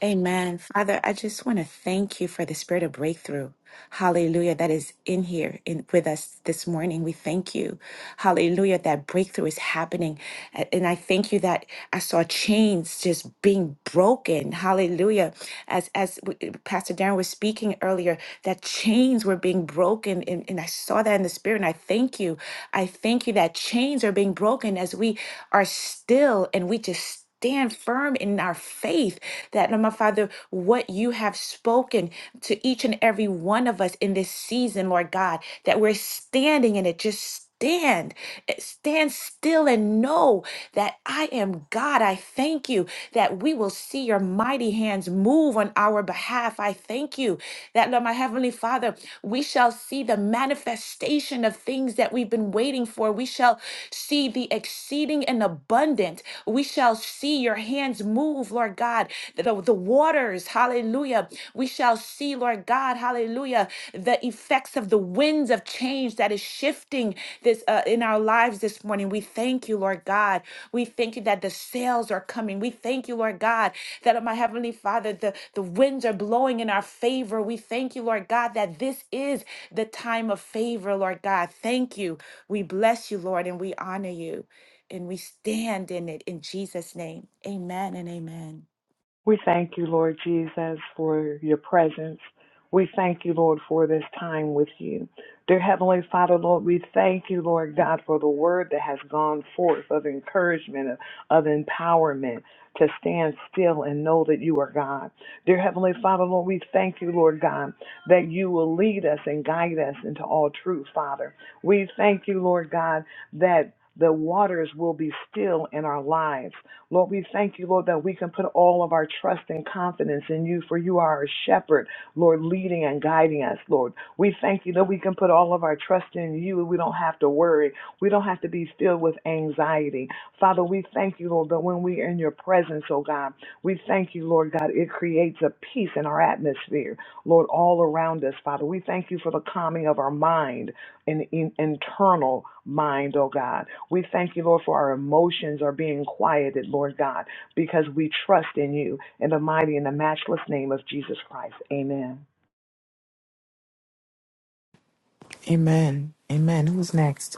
Amen. Father, I just want to thank you for the spirit of breakthrough. Hallelujah. That is in here in, with us this morning. We thank you. Hallelujah. That breakthrough is happening. A- And I thank you that I saw chains just being broken. Hallelujah. As, as w- Pastor Darren was speaking earlier, that chains were being broken. And, and I saw that in the spirit. And I thank you. I thank you that chains are being broken as we are still and we just stand firm in our faith that, Lord, my Father, what you have spoken to each and every one of us in this season, Lord God, that we're standing in it. Just stand, eh, stand still and know that I am God. I thank you that we will see your mighty hands move on our behalf. I thank you thank you that, Lord, my Heavenly Father, we shall see the manifestation of things that we've been waiting for. We shall see the exceeding and abundant. We shall see your hands move, Lord God, the, the waters, hallelujah. We shall see, Lord God, hallelujah, the effects of the winds of change that is shifting this uh, in our lives this morning. We thank you, Lord God. We thank you that the sales are coming. We thank you, Lord God, that, uh, my Heavenly Father, the, the winds are blowing in our favor. We thank you, Lord God, that this is the time of favor, Lord God. Thank you. We bless you, Lord, and we honor you, and we stand in it in Jesus' name. Amen and amen. We thank you, Lord Jesus, for your presence. We thank you, Lord, for this time with you. Dear Heavenly Father, Lord, we thank you, Lord God, for the word that has gone forth of encouragement, of, of empowerment to stand still and know that you are God. Dear Heavenly Father, Lord, we thank you, Lord God, that you will lead us and guide us into all truth, Father. We thank you, Lord God, that the waters will be still in our lives. Lord, we thank you, Lord, that we can put all of our trust and confidence in you, for you are our shepherd, Lord, leading and guiding us, Lord. We thank you that we can put all of our trust in you and we don't have to worry. We don't have to be filled with anxiety. Father, we thank you, Lord, that when we are in your presence, oh God, we thank you, Lord God, it creates a peace in our atmosphere, Lord, all around us, Father. We thank you for the calming of our mind an in, internal mind, oh God. We thank you, Lord, for our emotions are being quieted, Lord God, because we trust in you. In the mighty and the matchless name of Jesus Christ. Amen. Amen. Amen. Who's next?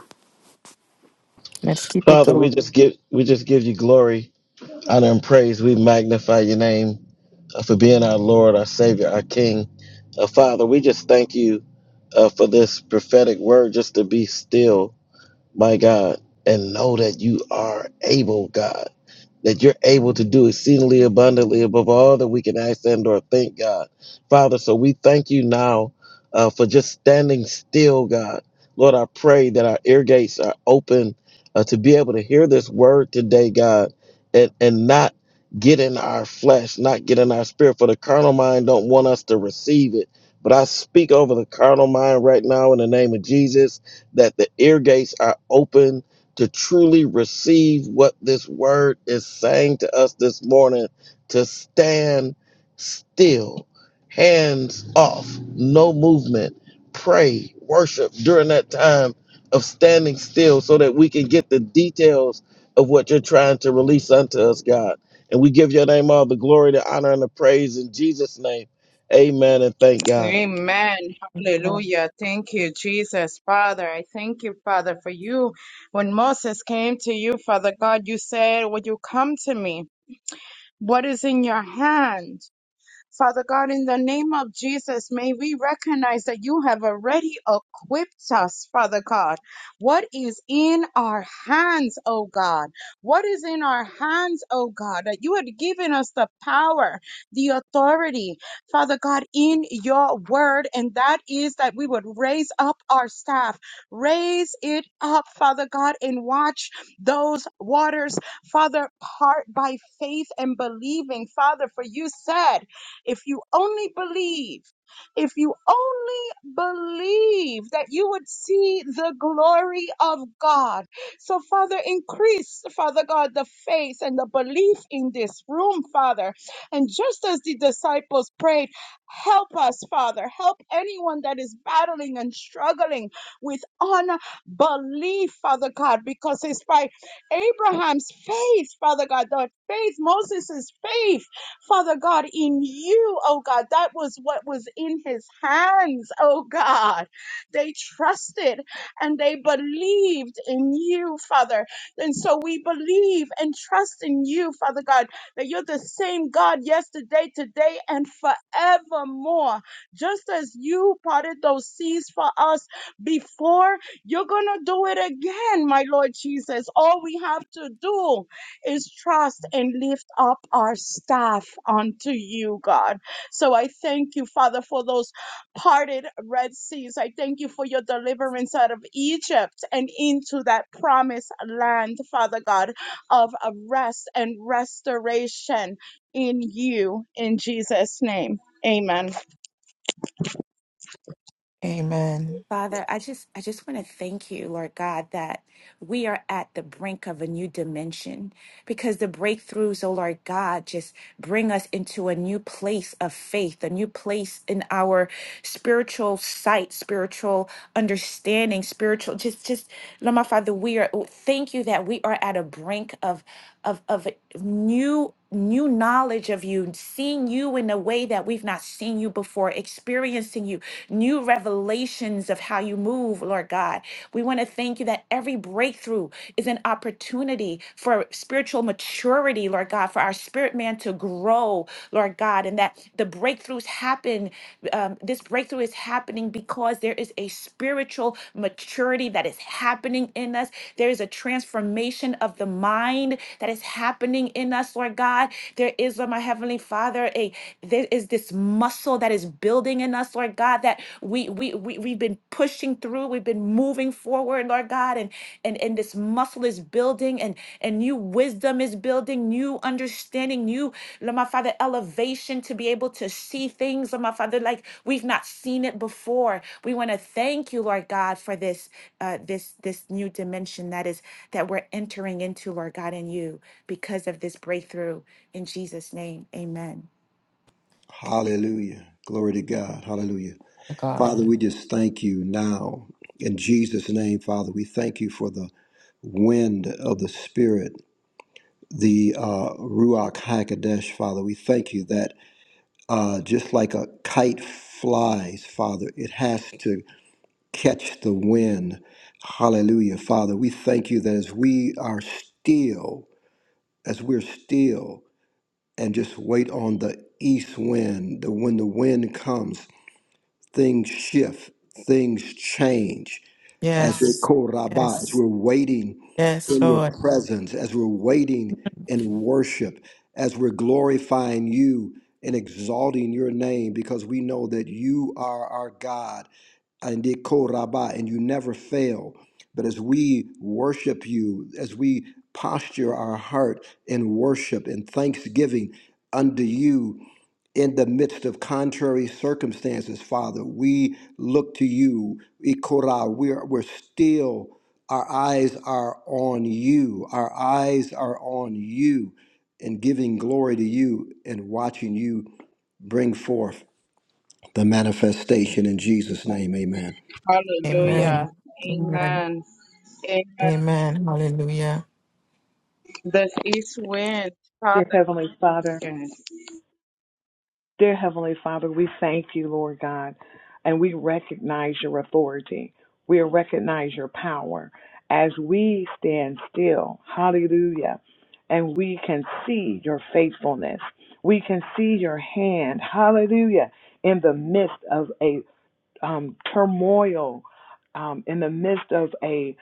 Let's keep it Father, we going. just give we just give you glory, honor, and praise. We magnify your name uh, for being our Lord, our Savior, our King. Uh, Father, we just thank you uh, for this prophetic word just to be still, my God, and know that you are able, God that you're able to do exceedingly abundantly above all that we can ask and or think, God. Father, so we thank you now uh, for just standing still, God. Lord, I pray that our ear gates are open uh, to be able to hear this word today, God, and, and not get in our flesh, not get in our spirit, for the carnal mind don't want us to receive it. But I speak over the carnal mind right now in the name of Jesus that the ear gates are open to truly receive what this word is saying to us this morning to stand still, hands off, no movement, pray, worship during that time of standing still so that we can get the details of what you're trying to release unto us, God. And we give your name all the glory, the honor, and the praise in Jesus' name. Amen and thank God. Amen. Hallelujah. Thank you, Jesus. Father, I thank you, Father, for you. When Moses came to you, Father God, you said, Would you come to me? What is in your hand? Father God, in the name of Jesus, may we recognize that you have already equipped us, Father God. What is in our hands, oh God? What is in our hands, oh God? That you had given us the power, the authority, Father God, in your word. And that is that we would raise up our staff, raise it up, Father God, and watch those waters, Father, part by faith and believing, Father, for you said, if you only believe, if you only believe that you would see the glory of God. So, Father, increase, Father God, the faith and the belief in this room, Father. And just as the disciples prayed, help us, Father. Help anyone that is battling and struggling with unbelief, Father God, because it's by Abraham's faith, Father God, the faith, Moses' faith. Father God, in you, oh God, that was what was in his hands, oh God. They trusted and they believed in you, Father. And so we believe and trust in you, Father God, that you're the same God yesterday, today, and forevermore. Just as you parted those seas for us before, you're going to do it again, my Lord Jesus. All we have to do is trust and lift up our staff unto you, God. So I thank you, Father, for those parted Red Seas. I thank you for your deliverance out of Egypt and into that promised land, Father God, of of rest and restoration in you, in Jesus' name. Amen. Amen. Father, I just I just want to thank you, Lord God, that we are at the brink of a new dimension because the breakthroughs, oh Lord God, just bring us into a new place of faith, a new place in our spiritual sight, spiritual understanding, spiritual just just Lord my Father, we are thank you that we are at a brink of of of new new knowledge of you seeing you in a way that we've not seen you before experiencing you new revelations of how you move lord god we want to thank you that every breakthrough is an opportunity for spiritual maturity lord god for our spirit man to grow lord god and that the breakthroughs happen um, this breakthrough is happening because there is a spiritual maturity that is happening in us. There is a transformation of the mind that is happening in us, Lord God. There is, Lord, my heavenly Father, a there is this muscle that is building in us, Lord God, that we we, we we've been pushing through, we've been moving forward, Lord God, and and and this muscle is building and and new wisdom is building new understanding new Lord my father elevation to be able to see things Lord my father like we've not seen it before we want to thank you lord god for this uh this this new dimension that is that we're entering into lord god in you because of this breakthrough in jesus name amen Hallelujah. Glory to God. Hallelujah. God. Father, we just thank you now. In Jesus' name, Father, we thank you for the wind of the Spirit, the uh, Ruach HaKodesh, Father. We thank you that uh, just like a kite flies, Father, it has to catch the wind. Hallelujah, Father. We thank you that as we are still, as we're still, and just wait on the east wind, the, when the wind comes, things shift, things change as they Yes. call Rabbah, as Yes. we're waiting Yes, in your presence, as we're waiting in worship, as we're glorifying you and exalting your name, because we know that you are our God, and they call Rabbah, and you never fail. But as we worship you, as we posture our heart in worship and thanksgiving unto you, in the midst of contrary circumstances, Father. We look to you, Ikora. We're, we're still, our eyes are on you. Our eyes are on you and giving glory to you and watching you bring forth the manifestation in Jesus' name. Amen. Amen. Hallelujah. Hallelujah. Amen. Amen. Amen. Amen. Hallelujah. The east wind, Father Dear Heavenly Father, God. Dear Heavenly Father, we thank you, Lord God, and we recognize your authority. We recognize your power as we stand still. Hallelujah. And we can see your faithfulness. We can see your hand. Hallelujah. In the midst of a um, turmoil, um, in the midst of a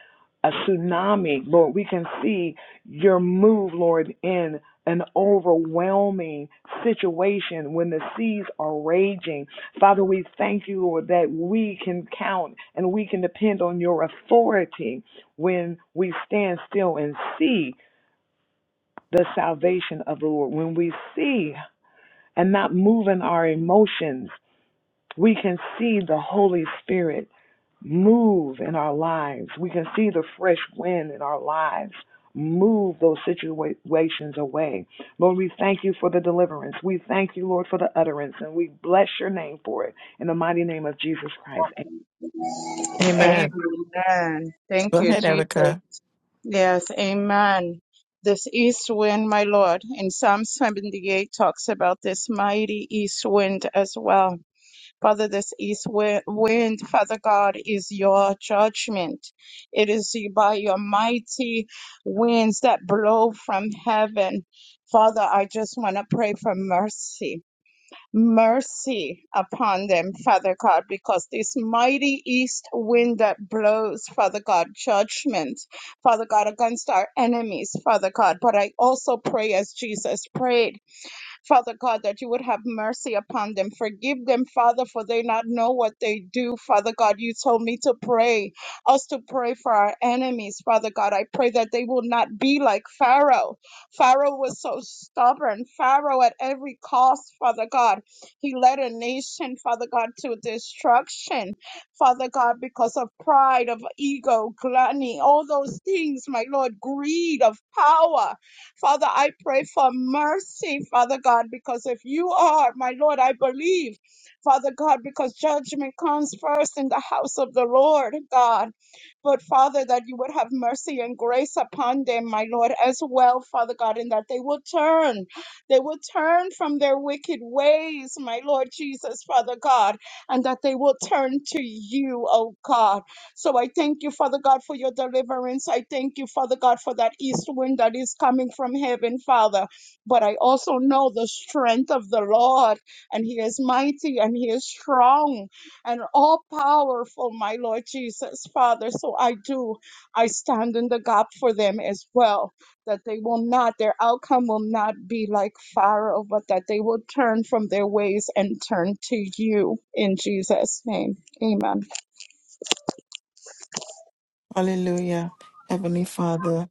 a tsunami, Lord, we can see your move, Lord, in an overwhelming situation when the seas are raging. Father, we thank you, Lord, that we can count and we can depend on your authority when we stand still and see the salvation of the Lord, when we see and not move in our emotions we can see the Holy Spirit move in our lives. We can see the fresh wind in our lives move those situations away. Lord, we thank you for the deliverance. We thank you, Lord, for the utterance, and we bless your name for it. In the mighty name of Jesus Christ. Amen. Amen. Amen. Go Thank you, ahead, Jesus. Erica. Yes, amen. This east wind, my Lord, in Psalm 78 talks about this mighty east wind as well. Father, this east wi- wind, Father God, is your judgment. It is by your mighty winds that blow from heaven. Father, I just want to pray for mercy mercy upon them, Father God, because this mighty east wind that blows, Father God, judgment, Father God, against our enemies, Father God. But I also pray as Jesus prayed. Father God, that you would have mercy upon them. Forgive them, Father, for they not know what they do. Father God, you told me to pray, us to pray for our enemies. Father God, I pray that they will not be like Pharaoh. Pharaoh was so stubborn. Pharaoh, at every cost, Father God, he led a nation, Father God, to destruction. Father God, because of pride, of ego, gluttony, all those things, my Lord, greed of power. Father, I pray for mercy, Father God, because if you are, my Lord, I believe, Father God, because judgment comes first in the house of the Lord, God. But Father, that you would have mercy and grace upon them, my Lord, as well, Father God, and that they will turn. They will turn from their wicked ways, my Lord Jesus, Father God, and that they will turn to you, oh God. So I thank you, Father God, for your deliverance. I thank you, Father God, for that east wind that is coming from heaven, Father. But I also know the strength of the Lord, and He is mighty and He is strong and all powerful, my Lord Jesus, Father. So I do, I stand in the gap for them as well, that they will not, their outcome will not be like Pharaoh, but that they will turn from their ways and turn to you in Jesus' name. Amen. Hallelujah. Heavenly Father.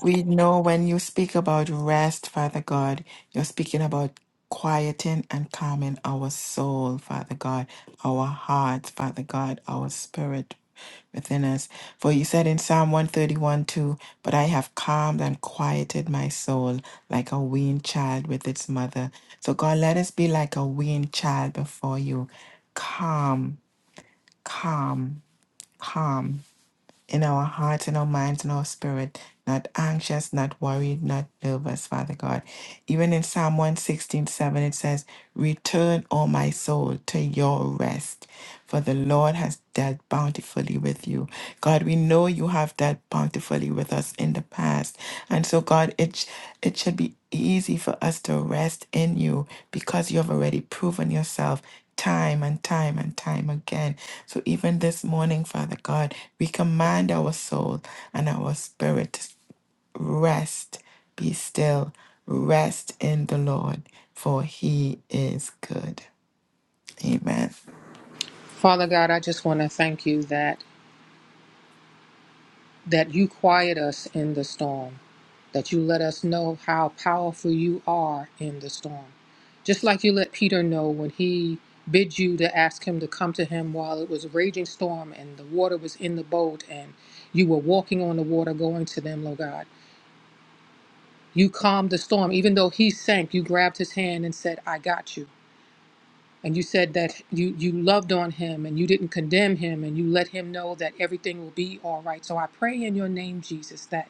We know when you speak about rest, Father God, you're speaking about quieting and calming our soul, Father God, our hearts, Father God, our spirit within us. For you said in Psalm 131 2, But I have calmed and quieted my soul like a weaned child with its mother. So, God, let us be like a weaned child before you. Calm, calm, calm in our hearts, in our minds, in our spirit, not anxious, not worried, not nervous, Father God. Even in Psalm one sixteen seven, it says, Return, O my soul, to your rest, for the Lord has dealt bountifully with you. God, we know you have dealt bountifully with us in the past. And so, God, it, sh- it should be easy for us to rest in you because you have already proven yourself time and time and time again. So even this morning, Father God, we command our soul and our spirit to rest, be still, rest in the Lord, for he is good. Amen. Father God, I just want to thank you that that you quiet us in the storm. that you let us know how powerful you are in the storm. Just like you let Peter know when he bid you to ask him to come to him while it was a raging storm and the water was in the boat and you were walking on the water going to them, Lord God. You calmed the storm. Even though he sank, you grabbed his hand and said, I got you. And you said that you, you loved on him and you didn't condemn him and you let him know that everything will be all right. So I pray in your name, Jesus, that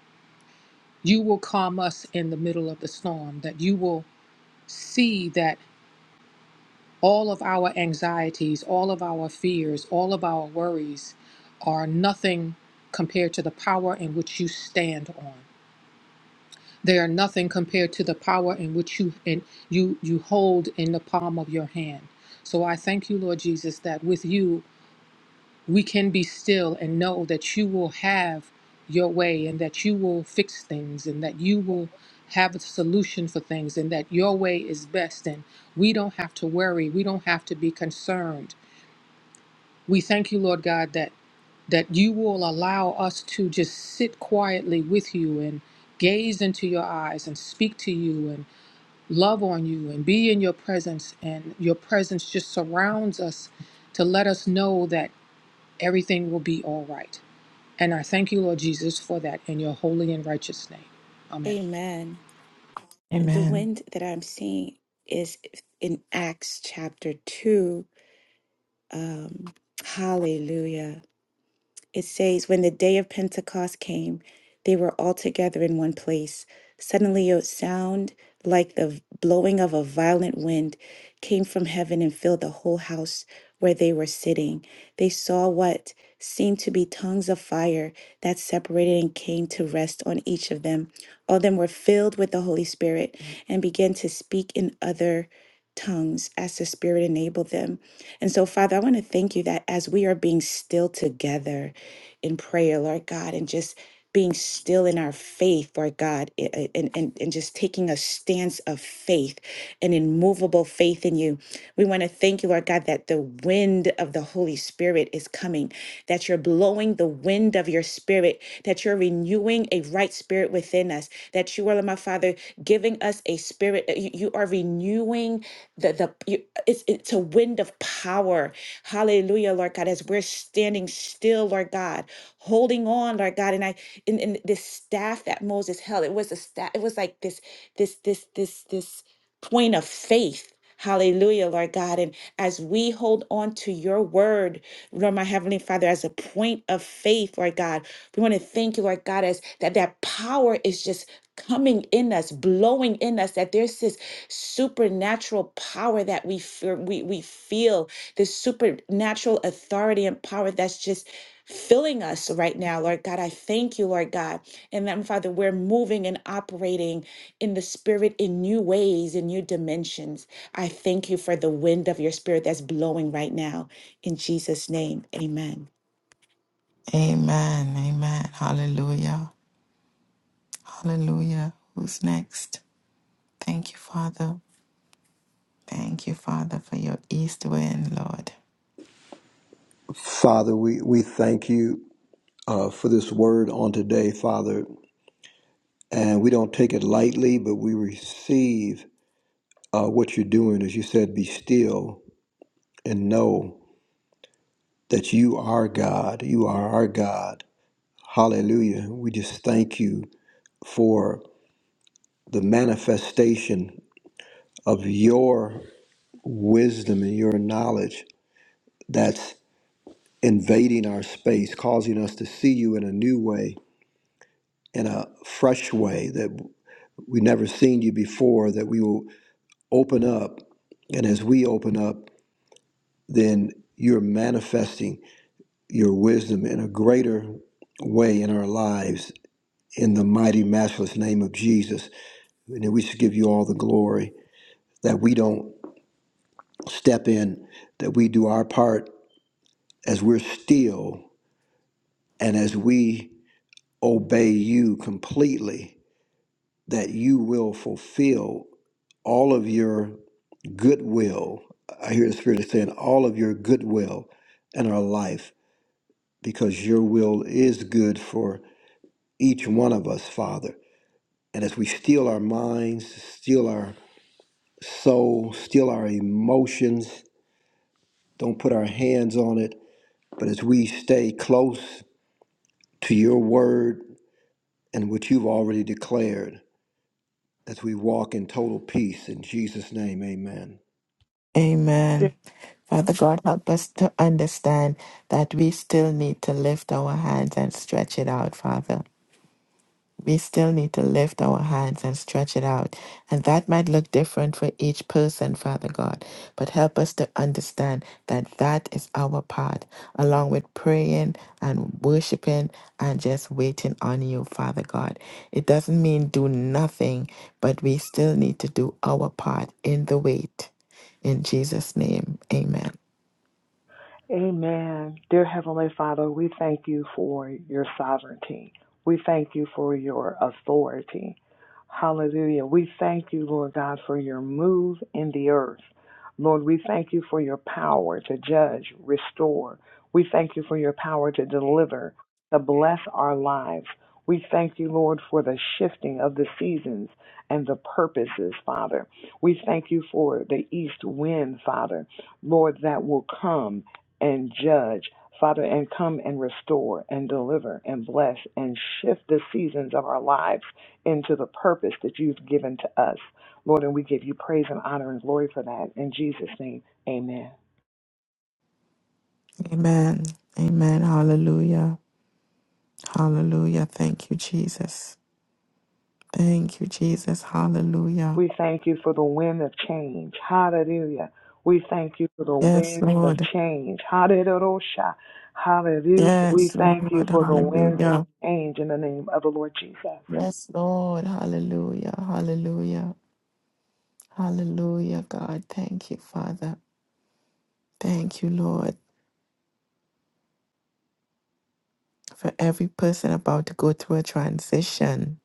you will calm us in the middle of the storm, that you will see that all of our anxieties, all of our fears, all of our worries are nothing compared to the power in which you stand on. They are nothing compared to the power in which you in, you you hold in the palm of your hand. So I thank you, Lord Jesus, that with you we can be still and know that you will have your way and that you will fix things and that you will have a solution for things and that your way is best and we don't have to worry we don't have to be concerned we thank you lord god that that you will allow us to just sit quietly with you and gaze into your eyes and speak to you and love on you and be in your presence and your presence just surrounds us to let us know that everything will be all right and I thank you, Lord Jesus, for that in your holy and righteous name. Amen. amen the Amen. wind that i'm seeing is in acts chapter 2 um hallelujah It says, When the day of Pentecost came, they were all together in one place. Suddenly a sound like the blowing of a violent wind came from heaven and filled the whole house where they were sitting. They saw what seemed to be tongues of fire that separated and came to rest on each of them. All of them were filled with the Holy Spirit and began to speak in other tongues as the Spirit enabled them. And so, Father, I want to thank you that as we are being still together in prayer, Lord God, and just being still in our faith, Lord God, i- i- and, and, and just taking a stance of faith, an immovable faith in you. We want to thank you, Lord God, that the wind of the Holy Spirit is coming, that you're blowing the wind of your spirit, that you're renewing a right spirit within us, that you are, my Father, giving us a spirit, uh, you you are renewing the the you- it's it's a wind of power. Hallelujah, Lord God, as we're standing still, Lord God, holding on, Lord God. And I in, in this staff that Moses held, it was a staff, it was like this, this, this, this, this point of faith. Hallelujah, Lord God. And as we hold on to your word, Lord, my Heavenly Father, as a point of faith, Lord God, we want to thank you, Lord God, as that that power is just coming in us, blowing in us, that there's this supernatural power that we, fe- we, we feel, this supernatural authority and power that's just filling us right now, Lord God. I thank you, Lord God. And then, Father, we're moving and operating in the Spirit in new ways, in new dimensions. I thank you for the wind of your Spirit that's blowing right now. In Jesus' name, amen. Amen. Amen. Hallelujah. Hallelujah. Who's next? Thank you, Father. Thank you, Father, for your east wind, Lord. Father, we, we thank you uh, for this word on today, Father. And we don't take it lightly, but we receive uh, what you're doing. As you said, be still and know that you are God. You are our God. Hallelujah. We just thank you for the manifestation of your wisdom and your knowledge that's invading our space, causing us to see you in a new way, in a fresh way that we never seen you before, that we will open up. And as we open up, then you're manifesting your wisdom in a greater way in our lives in the mighty, matchless name of Jesus. And we should give you all the glory that we don't step in, that we do our part as we're still and as we obey you completely, that you will fulfill all of your goodwill. I hear the Spirit is saying, all of your goodwill in our life, because your will is good for each one of us, Father. And as we steal our minds, steal our soul, still our emotions. Don't put our hands on it. But as we stay close to your word and what you've already declared, as we walk in total peace, in Jesus' name, amen. Amen. Father God, help us to understand that we still need to lift our hands and stretch it out, Father we still need to lift our hands and stretch it out. And that might look different for each person, Father God, but help us to understand that that is our part, along with praying and worshiping and just waiting on you, Father God. It doesn't mean do nothing, but we still need to do our part in the wait. In Jesus' name, amen. Amen. Dear Heavenly Father, we thank you for your sovereignty. We thank you for your authority. Hallelujah. We thank you, Lord God, for your move in the earth. Lord, we thank you for your power to judge, restore. We thank you for your power to deliver, to bless our lives. We thank you, Lord, for the shifting of the seasons and the purposes, Father. We thank you for the east wind, Father, Lord, that will come and judge, Father, and come and restore and deliver and bless and shift the seasons of our lives into the purpose that you've given to us. Lord, and we give you praise and honor and glory for that. In Jesus' name, amen. Amen. Amen. Hallelujah. Hallelujah. Thank you, Jesus. Thank you, Jesus. Hallelujah. We thank you for the wind of change. Hallelujah. We thank you for the Yes, winds of Lord. change. Hallelujah. Hallelujah. We Yes, thank you Lord. for the winds of Hallelujah. change in the name of the Lord Jesus. Yes, Lord. Hallelujah. Hallelujah. Hallelujah, God. Thank you, Father. Thank you, Lord, for every person about to go through a transition.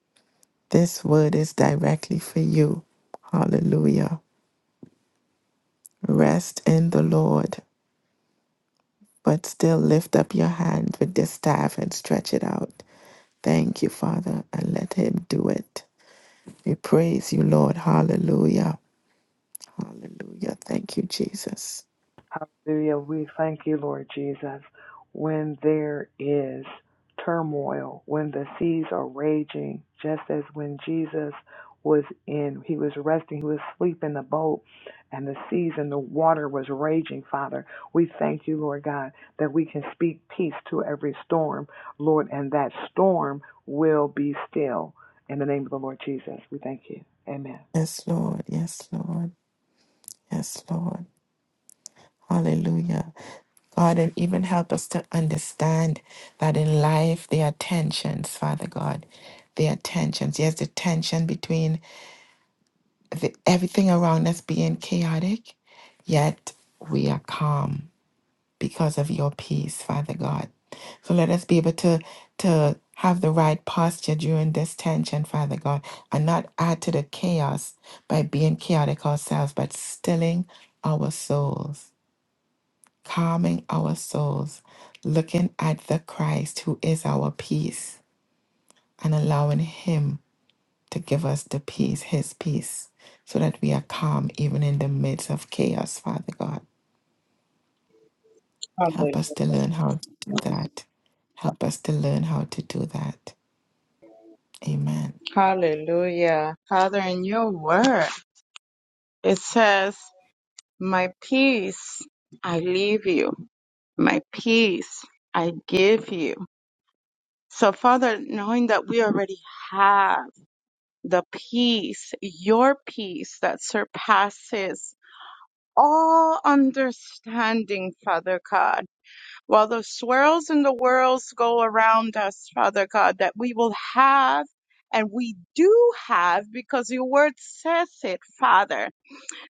This word is directly for you. Hallelujah. Rest in the Lord, but still lift up your hand with the staff and stretch it out. Thank you, Father, and let Him do it. We praise you, Lord. Hallelujah. Hallelujah. Thank you, Jesus. Hallelujah. We thank you, Lord Jesus. When there is turmoil, when the seas are raging, just as when Jesus was in, he was resting, he was asleep in the boat, and the seas and the water was raging, Father. We thank you, Lord God, that we can speak peace to every storm, Lord, and that storm will be still. In the name of the Lord Jesus, we thank you. Amen. Yes, Lord. Yes, Lord. Yes, Lord. Hallelujah. God, and even help us to understand that in life, there are tensions, Father God. There are tensions. Yes, the tension between the, everything around us being chaotic, yet we are calm because of your peace, Father God. So let us be able to to have the right posture during this tension, Father God, and not add to the chaos by being chaotic ourselves, but stilling our souls, calming our souls, looking at the Christ who is our peace and allowing him to give us the peace, his peace, so that we are calm even in the midst of chaos, Father God. Help us Hallelujah. to learn how to do that. Help us to learn how to do that. Amen. Hallelujah. Father, in your word, it says, My peace I leave you, my peace I give you. So, Father, knowing that we already have the peace, your peace that surpasses all understanding, Father God, while the swirls and the whirls go around us, Father God, that we will have and we do have because your word says it, Father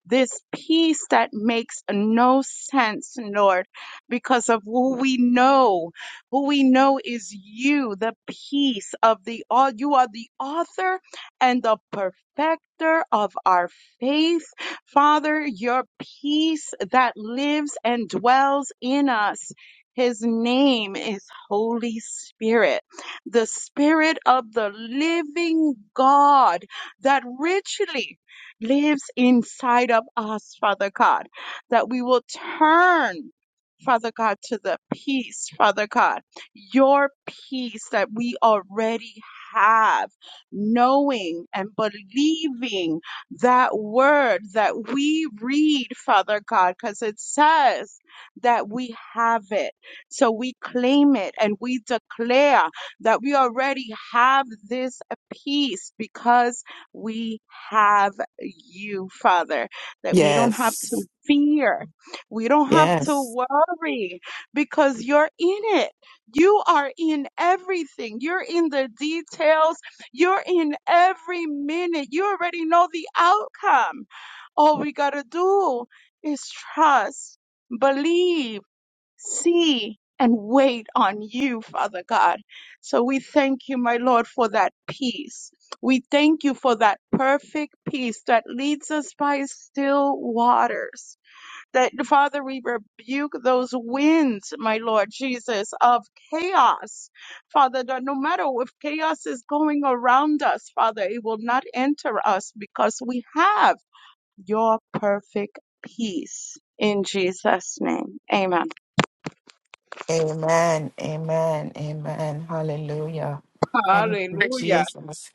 this peace that makes no sense, Lord, because of who we know, who we know is you, the peace of the all. You are the author and the perfecter of our faith. Father, your peace that lives and dwells in us. His name is Holy Spirit, the Spirit of the living God that richly lives inside of us, Father God, that we will turn. Father God, to the peace, Father God, your peace that we already have, knowing and believing that word that we read, Father God, because it says that we have it. So we claim it and we declare that we already have this peace because we have you, Father, that we don't have to Yes. fear. We don't have to Yes. worry because you're in it. You are in everything. You're in the details. You're in every minute. You already know the outcome. All we got to do is trust, believe see and wait on you, Father God. So we thank you, my Lord, for that peace. We thank you for that perfect peace that leads us by still waters. That, Father, we rebuke those winds, my Lord Jesus, of chaos. Father, that no matter if chaos is going around us, Father, it will not enter us because we have your perfect peace. In Jesus' name, amen. Amen. Amen. Amen. Hallelujah. Thank you, Hallelujah. Jesus.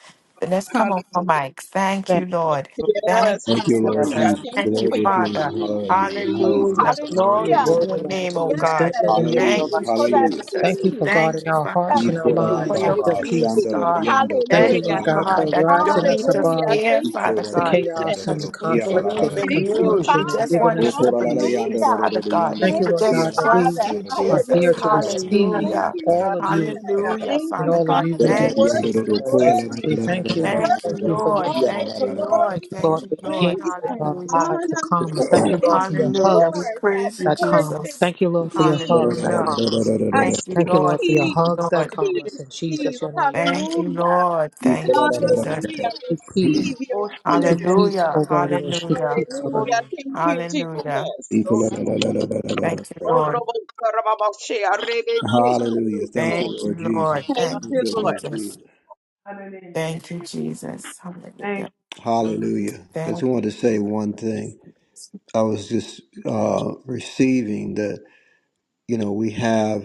Let's come on for Hallelujah. Mike. Thank you, Thank Lord. Thank Yes. you, Thank you, Lord Hallelujah. Jesus. Jesus. Thank Thank you Glory you, for your to you. Father. peace. Peace. Hallelujah. Hallelujah. Hallelujah. Jesus, Glory you to are Glory Hallelujah. your name. to worthy, your Lord, name, to oh be God. standing Yes. in your Thank Hallelujah. Thank you you, peace. for that Hallelujah. Jesus. Thank We you for peace. Thank guarding you, our Father That hearts God, and our for peace. minds your with Ikorababa, your Peace. peace. peace, Peace. God. shandarayando, Thank you, Thank Hallelujah. Lord you, God, God, for that we koralalalalalalababa. don't rising us need to Hallelujah. above fear, Thank Father you, the God. Jesus. chaos and the Because we conflict believe and the in Thank you, Ikoralalalalalalalo, you. You confusion and just Father. giving want us us your to peace. Hallelujah. believe, Hallelujah. Thank Father God Thank you, Thank to Lord you, God, just that we trust Father. you, are Jesus. here to Hallelujah. receive Thank Hallelujah. you, all of you, you Jesus. Lord. Hallelujah, Thank and you, Father all of God. you Father. we You're do Thank you, receive, worthy, Lord Jesus. Jesus. worthy, We thank you. We Thank you, thank worthy you of for Lord. you. all the Thank you, Lord. Thank glory you, Thank Lord, and for you, your Lord. hand praise over and our Hallelujah. lives that honor. calm us. Thank you, It Lord, is for your Hallelujah. We hugs yours, that praise you, that calm us. perfect Jesus. Thank you, Lord, for your peace. hugs that Hallelujah. calm us. I Thank you, speak Thank you, Lord, Lord. for your Thank peace, you, hugs that Lord. calm Thanks. us. peace, In Jesus, peace. your name. Thank Hallelujah. you, Hallelujah. Lord. Thank you, Jesus. Hallelujah. Speak Receive peace. your Speak peace. peace Hallelujah. over everyone. Speak Hallelujah. peace over Hallelujah. everyone. Thank you, Hallelujah. Jesus. Thank you, Lord. you, Thank Lord you, Jesus. Lord. Thank Thank you, Thank you, you, Lord Jesus. Jesus. Thank you, Jesus. Hallelujah. Hallelujah. I just Thank wanted to say one thing. I was just uh, receiving that, you know, we have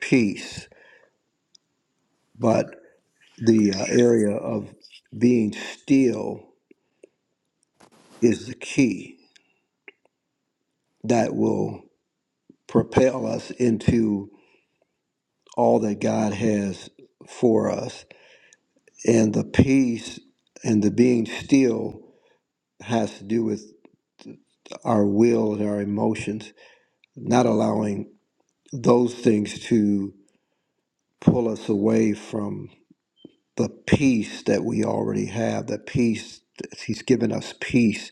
peace But the uh, area of being still is the key that will propel us into all that God has for us. And the peace and the being still has to do with our will and our emotions, not allowing those things to pull us away from the peace that we already have, the peace, He's given us peace.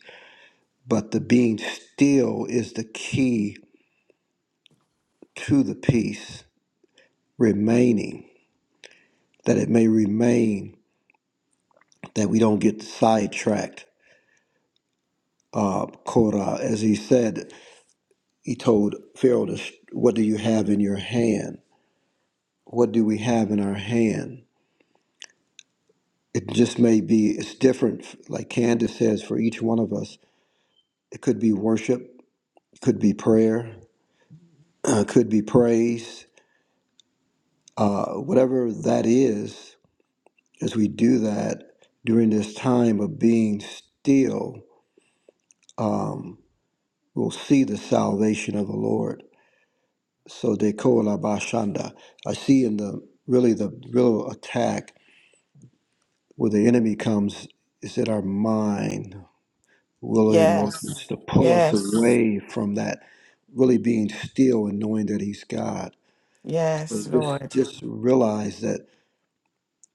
But the being still is the key to the peace remaining, that it may remain, that we don't get sidetracked. Uh, Korah, as he said, he told Pharaoh, to, What do you have in your hand? What do we have in our hand? It just may be, it's different, like Candace says, for each one of us. It could be worship, it could be prayer, it could be praise, uh, whatever that is, as we do that during this time of being still. Um, will see the salvation of the Lord. So de kola bashanda. I see in the really the real attack where the enemy comes is that our mind, will yes. emotions to pull us Yes. away from that really being still and knowing that he's God. Yes, So just Lord. just realize that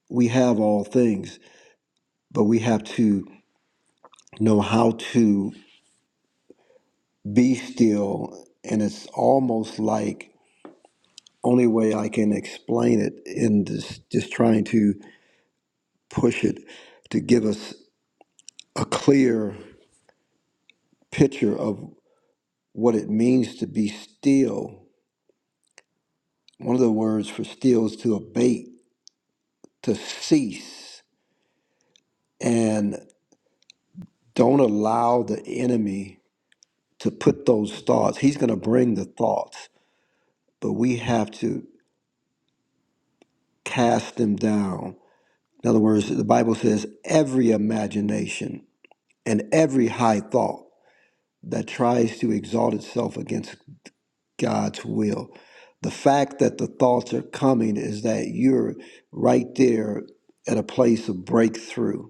we have all things, but we have to know how to be still and it's almost like only way I can explain it in this, just trying to push it to give us a clear picture of what it means to be still. One of the words for still is to abate, to cease, and don't allow the enemy to put those thoughts. He's going to bring the thoughts, but we have to cast them down. In other words, the Bible says every imagination and every high thought. that tries to exalt itself against God's will. The fact that the thoughts are coming is that you're right there at a place of breakthrough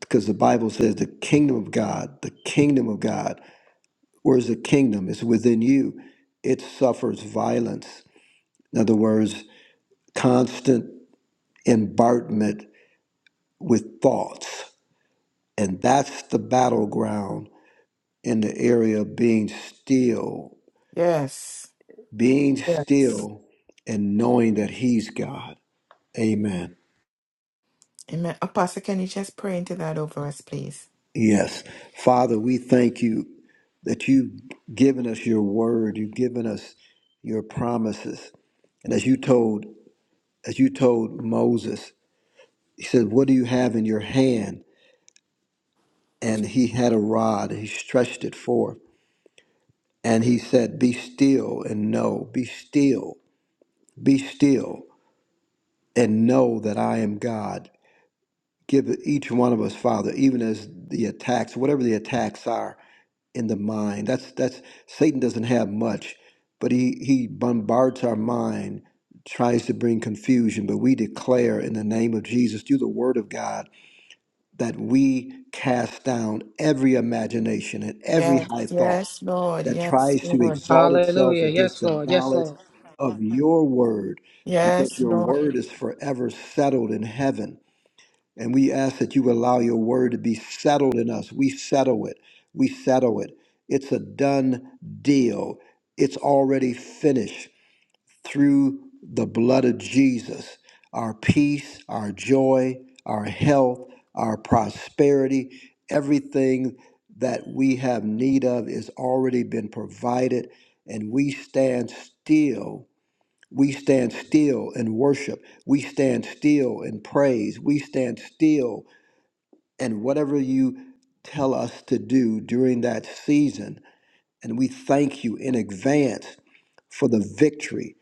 because the Bible says the kingdom of God, the kingdom of God, where's the kingdom? It's within you. It suffers violence. In other words, constant embargement with thoughts. And that's the battleground in the area of being still Yes. being Yes. still and knowing that He's God. Amen. Amen. Apostle, can you just pray into that over us, please? Yes. Father, we thank you that you've given us your word, you've given us your promises. And as you told, as you told Moses, he said, What do you have in your hand? And he had a rod, and he stretched it forth. And he said, Be still and know, be still, be still, and know that I am God. Give each one of us, Father, even as the attacks, whatever the attacks are in the mind. That's that's Satan doesn't have much, but he he bombards our mind, tries to bring confusion. But we declare in the name of Jesus, through the Word of God, that we cast down every imagination and every Yes. high thought Yes, Lord. that Yes, tries to Lord. exalt itself Hallelujah. against Yes, the Lord. Yes, knowledge Lord. of Your Word, Yes, because Your Lord. Word is forever settled in heaven. And we ask that you allow your word to be settled in us. We settle it. We settle it. It's a done deal. It's already finished through the blood of Jesus. Our peace, our joy, our health, our prosperity, everything that we have need of is already been provided. And we stand still. We stand still in worship. We stand still in praise. We stand still and whatever you tell us to do during that season. And we thank you in advance for the victory,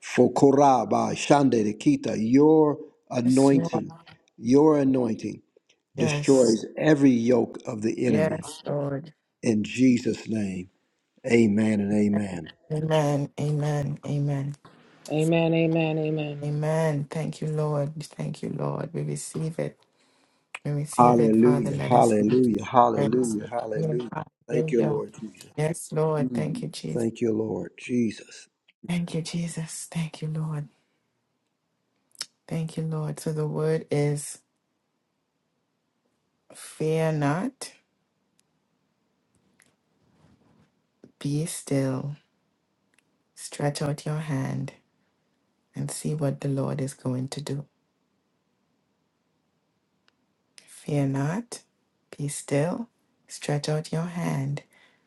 for Koraba, Shande de Kita, your Yes, Lord. anointing, your anointing Yes. destroys every yoke of the enemy. Yes, Lord. In Jesus' name, amen and amen. Amen. Amen. Amen. Amen. Amen. Amen. Amen. Thank you, Lord. Thank you, Lord. We receive it. We receive it, Father. Hallelujah, Let us be. hallelujah, Yes, hallelujah, hallelujah. Thank you, Hallelujah. Lord Jesus. Yes, Lord. Thank Mm, you, Jesus. Thank you, Lord Jesus. Thank you, Jesus. Thank you, Lord. Thank you, Lord. So the word is fear not, be still, stretch out your hand and see what the Lord is going to do. Fear not, be still, stretch out your hand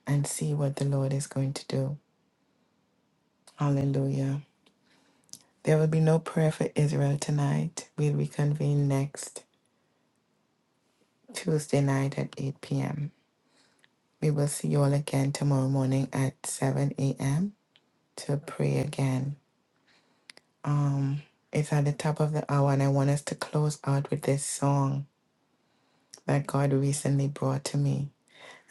and see what the Lord is going to do. Hallelujah. There will be no prayer for Israel tonight. We'll reconvene next Tuesday night at 8 p.m. We will see you all again tomorrow morning at 7 a.m. to pray again. Um, it's at the top of the hour, and I want us to close out with this song that God recently brought to me.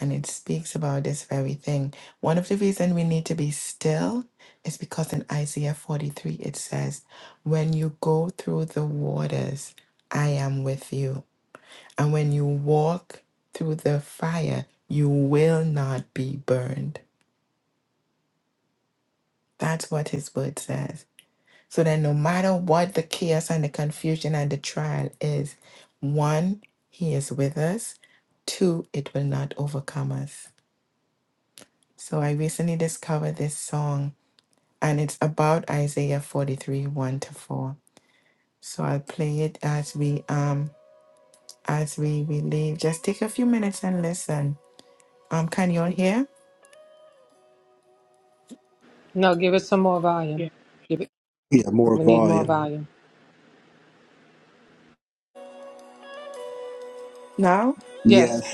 And it speaks about this very thing. One of the reasons we need to be still is because in Isaiah 43 it says, When you go through the waters, I am with you. And when you walk through the fire, you will not be burned. That's what his word says. So that no matter what the chaos and the confusion and the trial is, one, He is with us, two, it will not overcome us. So I recently discovered this song, and it's about Isaiah 43 1 to 4. So I'll play it as we um as we, we leave. Just take a few minutes and listen. Um, can you all hear No, give it some more volume. Give it. Yeah, more We need more volume. volume. now? Yes. Yes,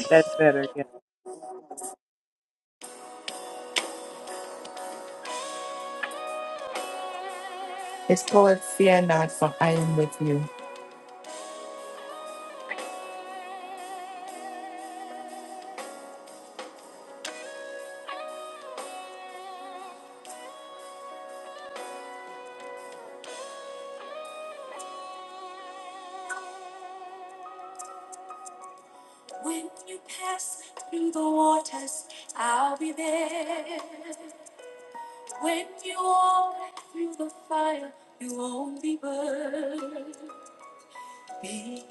It's called Fear Not, for I am with you. When you pass through the waters, I'll be there. When you walk through the fire, you won't be burned because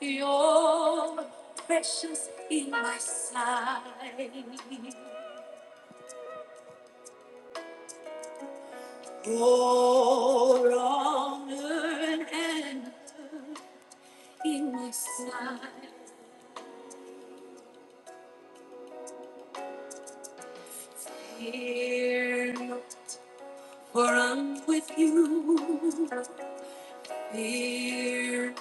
you're precious in my sight. Your honor and in my sight. Fear not, for I'm with you. Fear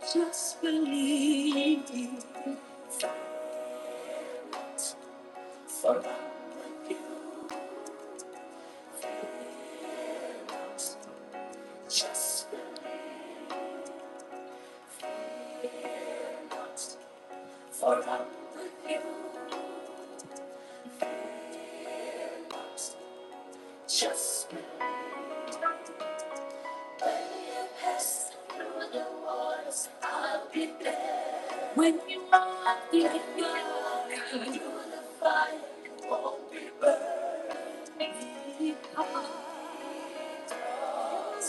Just believe you. For just for just When you pass through the waters. I'll be there when you are in your through the fire. Won't be burning hot. in my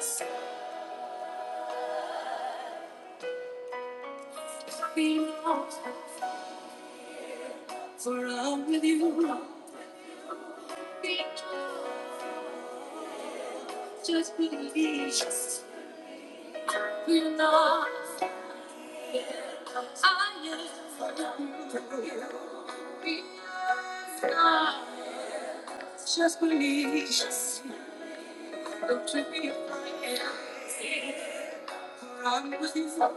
sight, be not, For I'm with you, Be not just believe. be not. I am. with you. Be not just believe. Don't you be afraid. for I'm with you.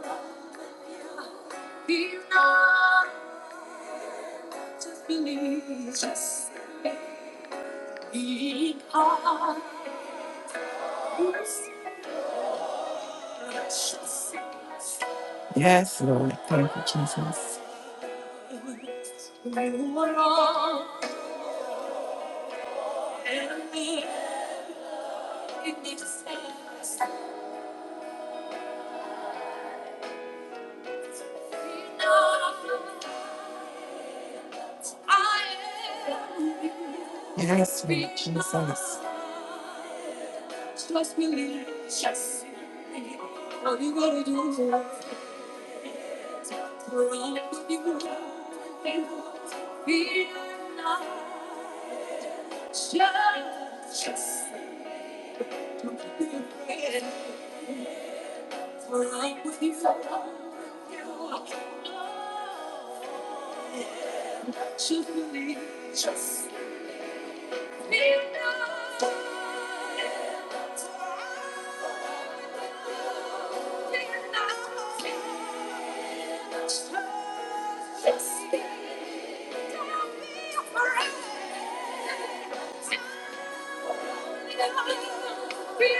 Be not just believe. Yes, Lord. Thank you, Jesus. Yes, Lord Jesus. Just be with you. Just be with you. Just be. Just be.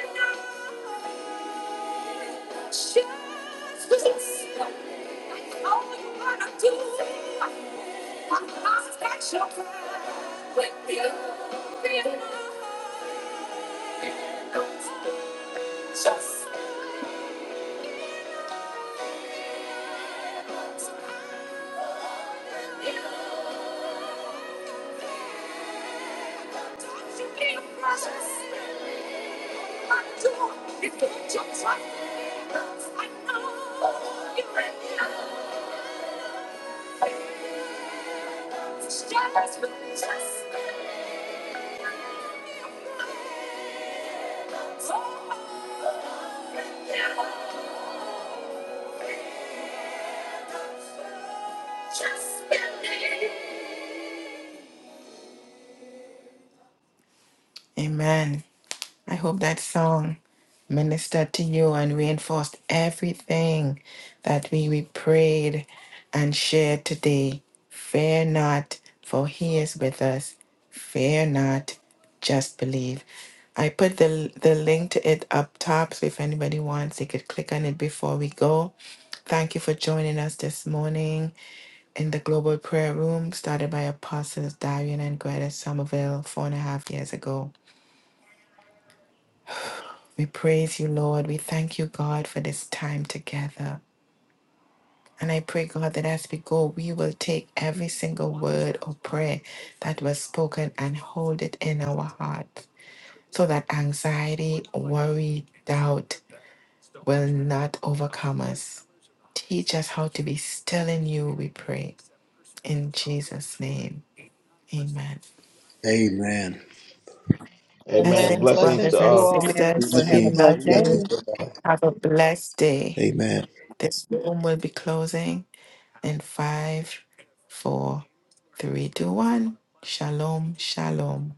Amen. I hope that song ministered to you and reinforced everything that we, we prayed and shared today. Fear not, for he is with us. Fear not, just believe. I put the, the link to it up top, so if anybody wants, they could click on it before we go. Thank you for joining us this morning in the Global Prayer Room, started by Apostles Darian and Greta Somerville four and a half years ago. We praise you, Lord. We thank you, God, for this time together. And I pray, God, that as we go, we will take every single word or prayer that was spoken and hold it in our heart so that anxiety, worry, doubt will not overcome us. Teach us how to be still in you, we pray. In Jesus' name, amen. amen. Amen. Amen. Blessings, Blessings Blessings to brothers to and you all. all. Amen. sisters. Everyone We have a Blessings. blessed love you. Blessings. day. Have a blessed day. Amen. This room will be closing. And five, four, three, two, one. Shalom, shalom.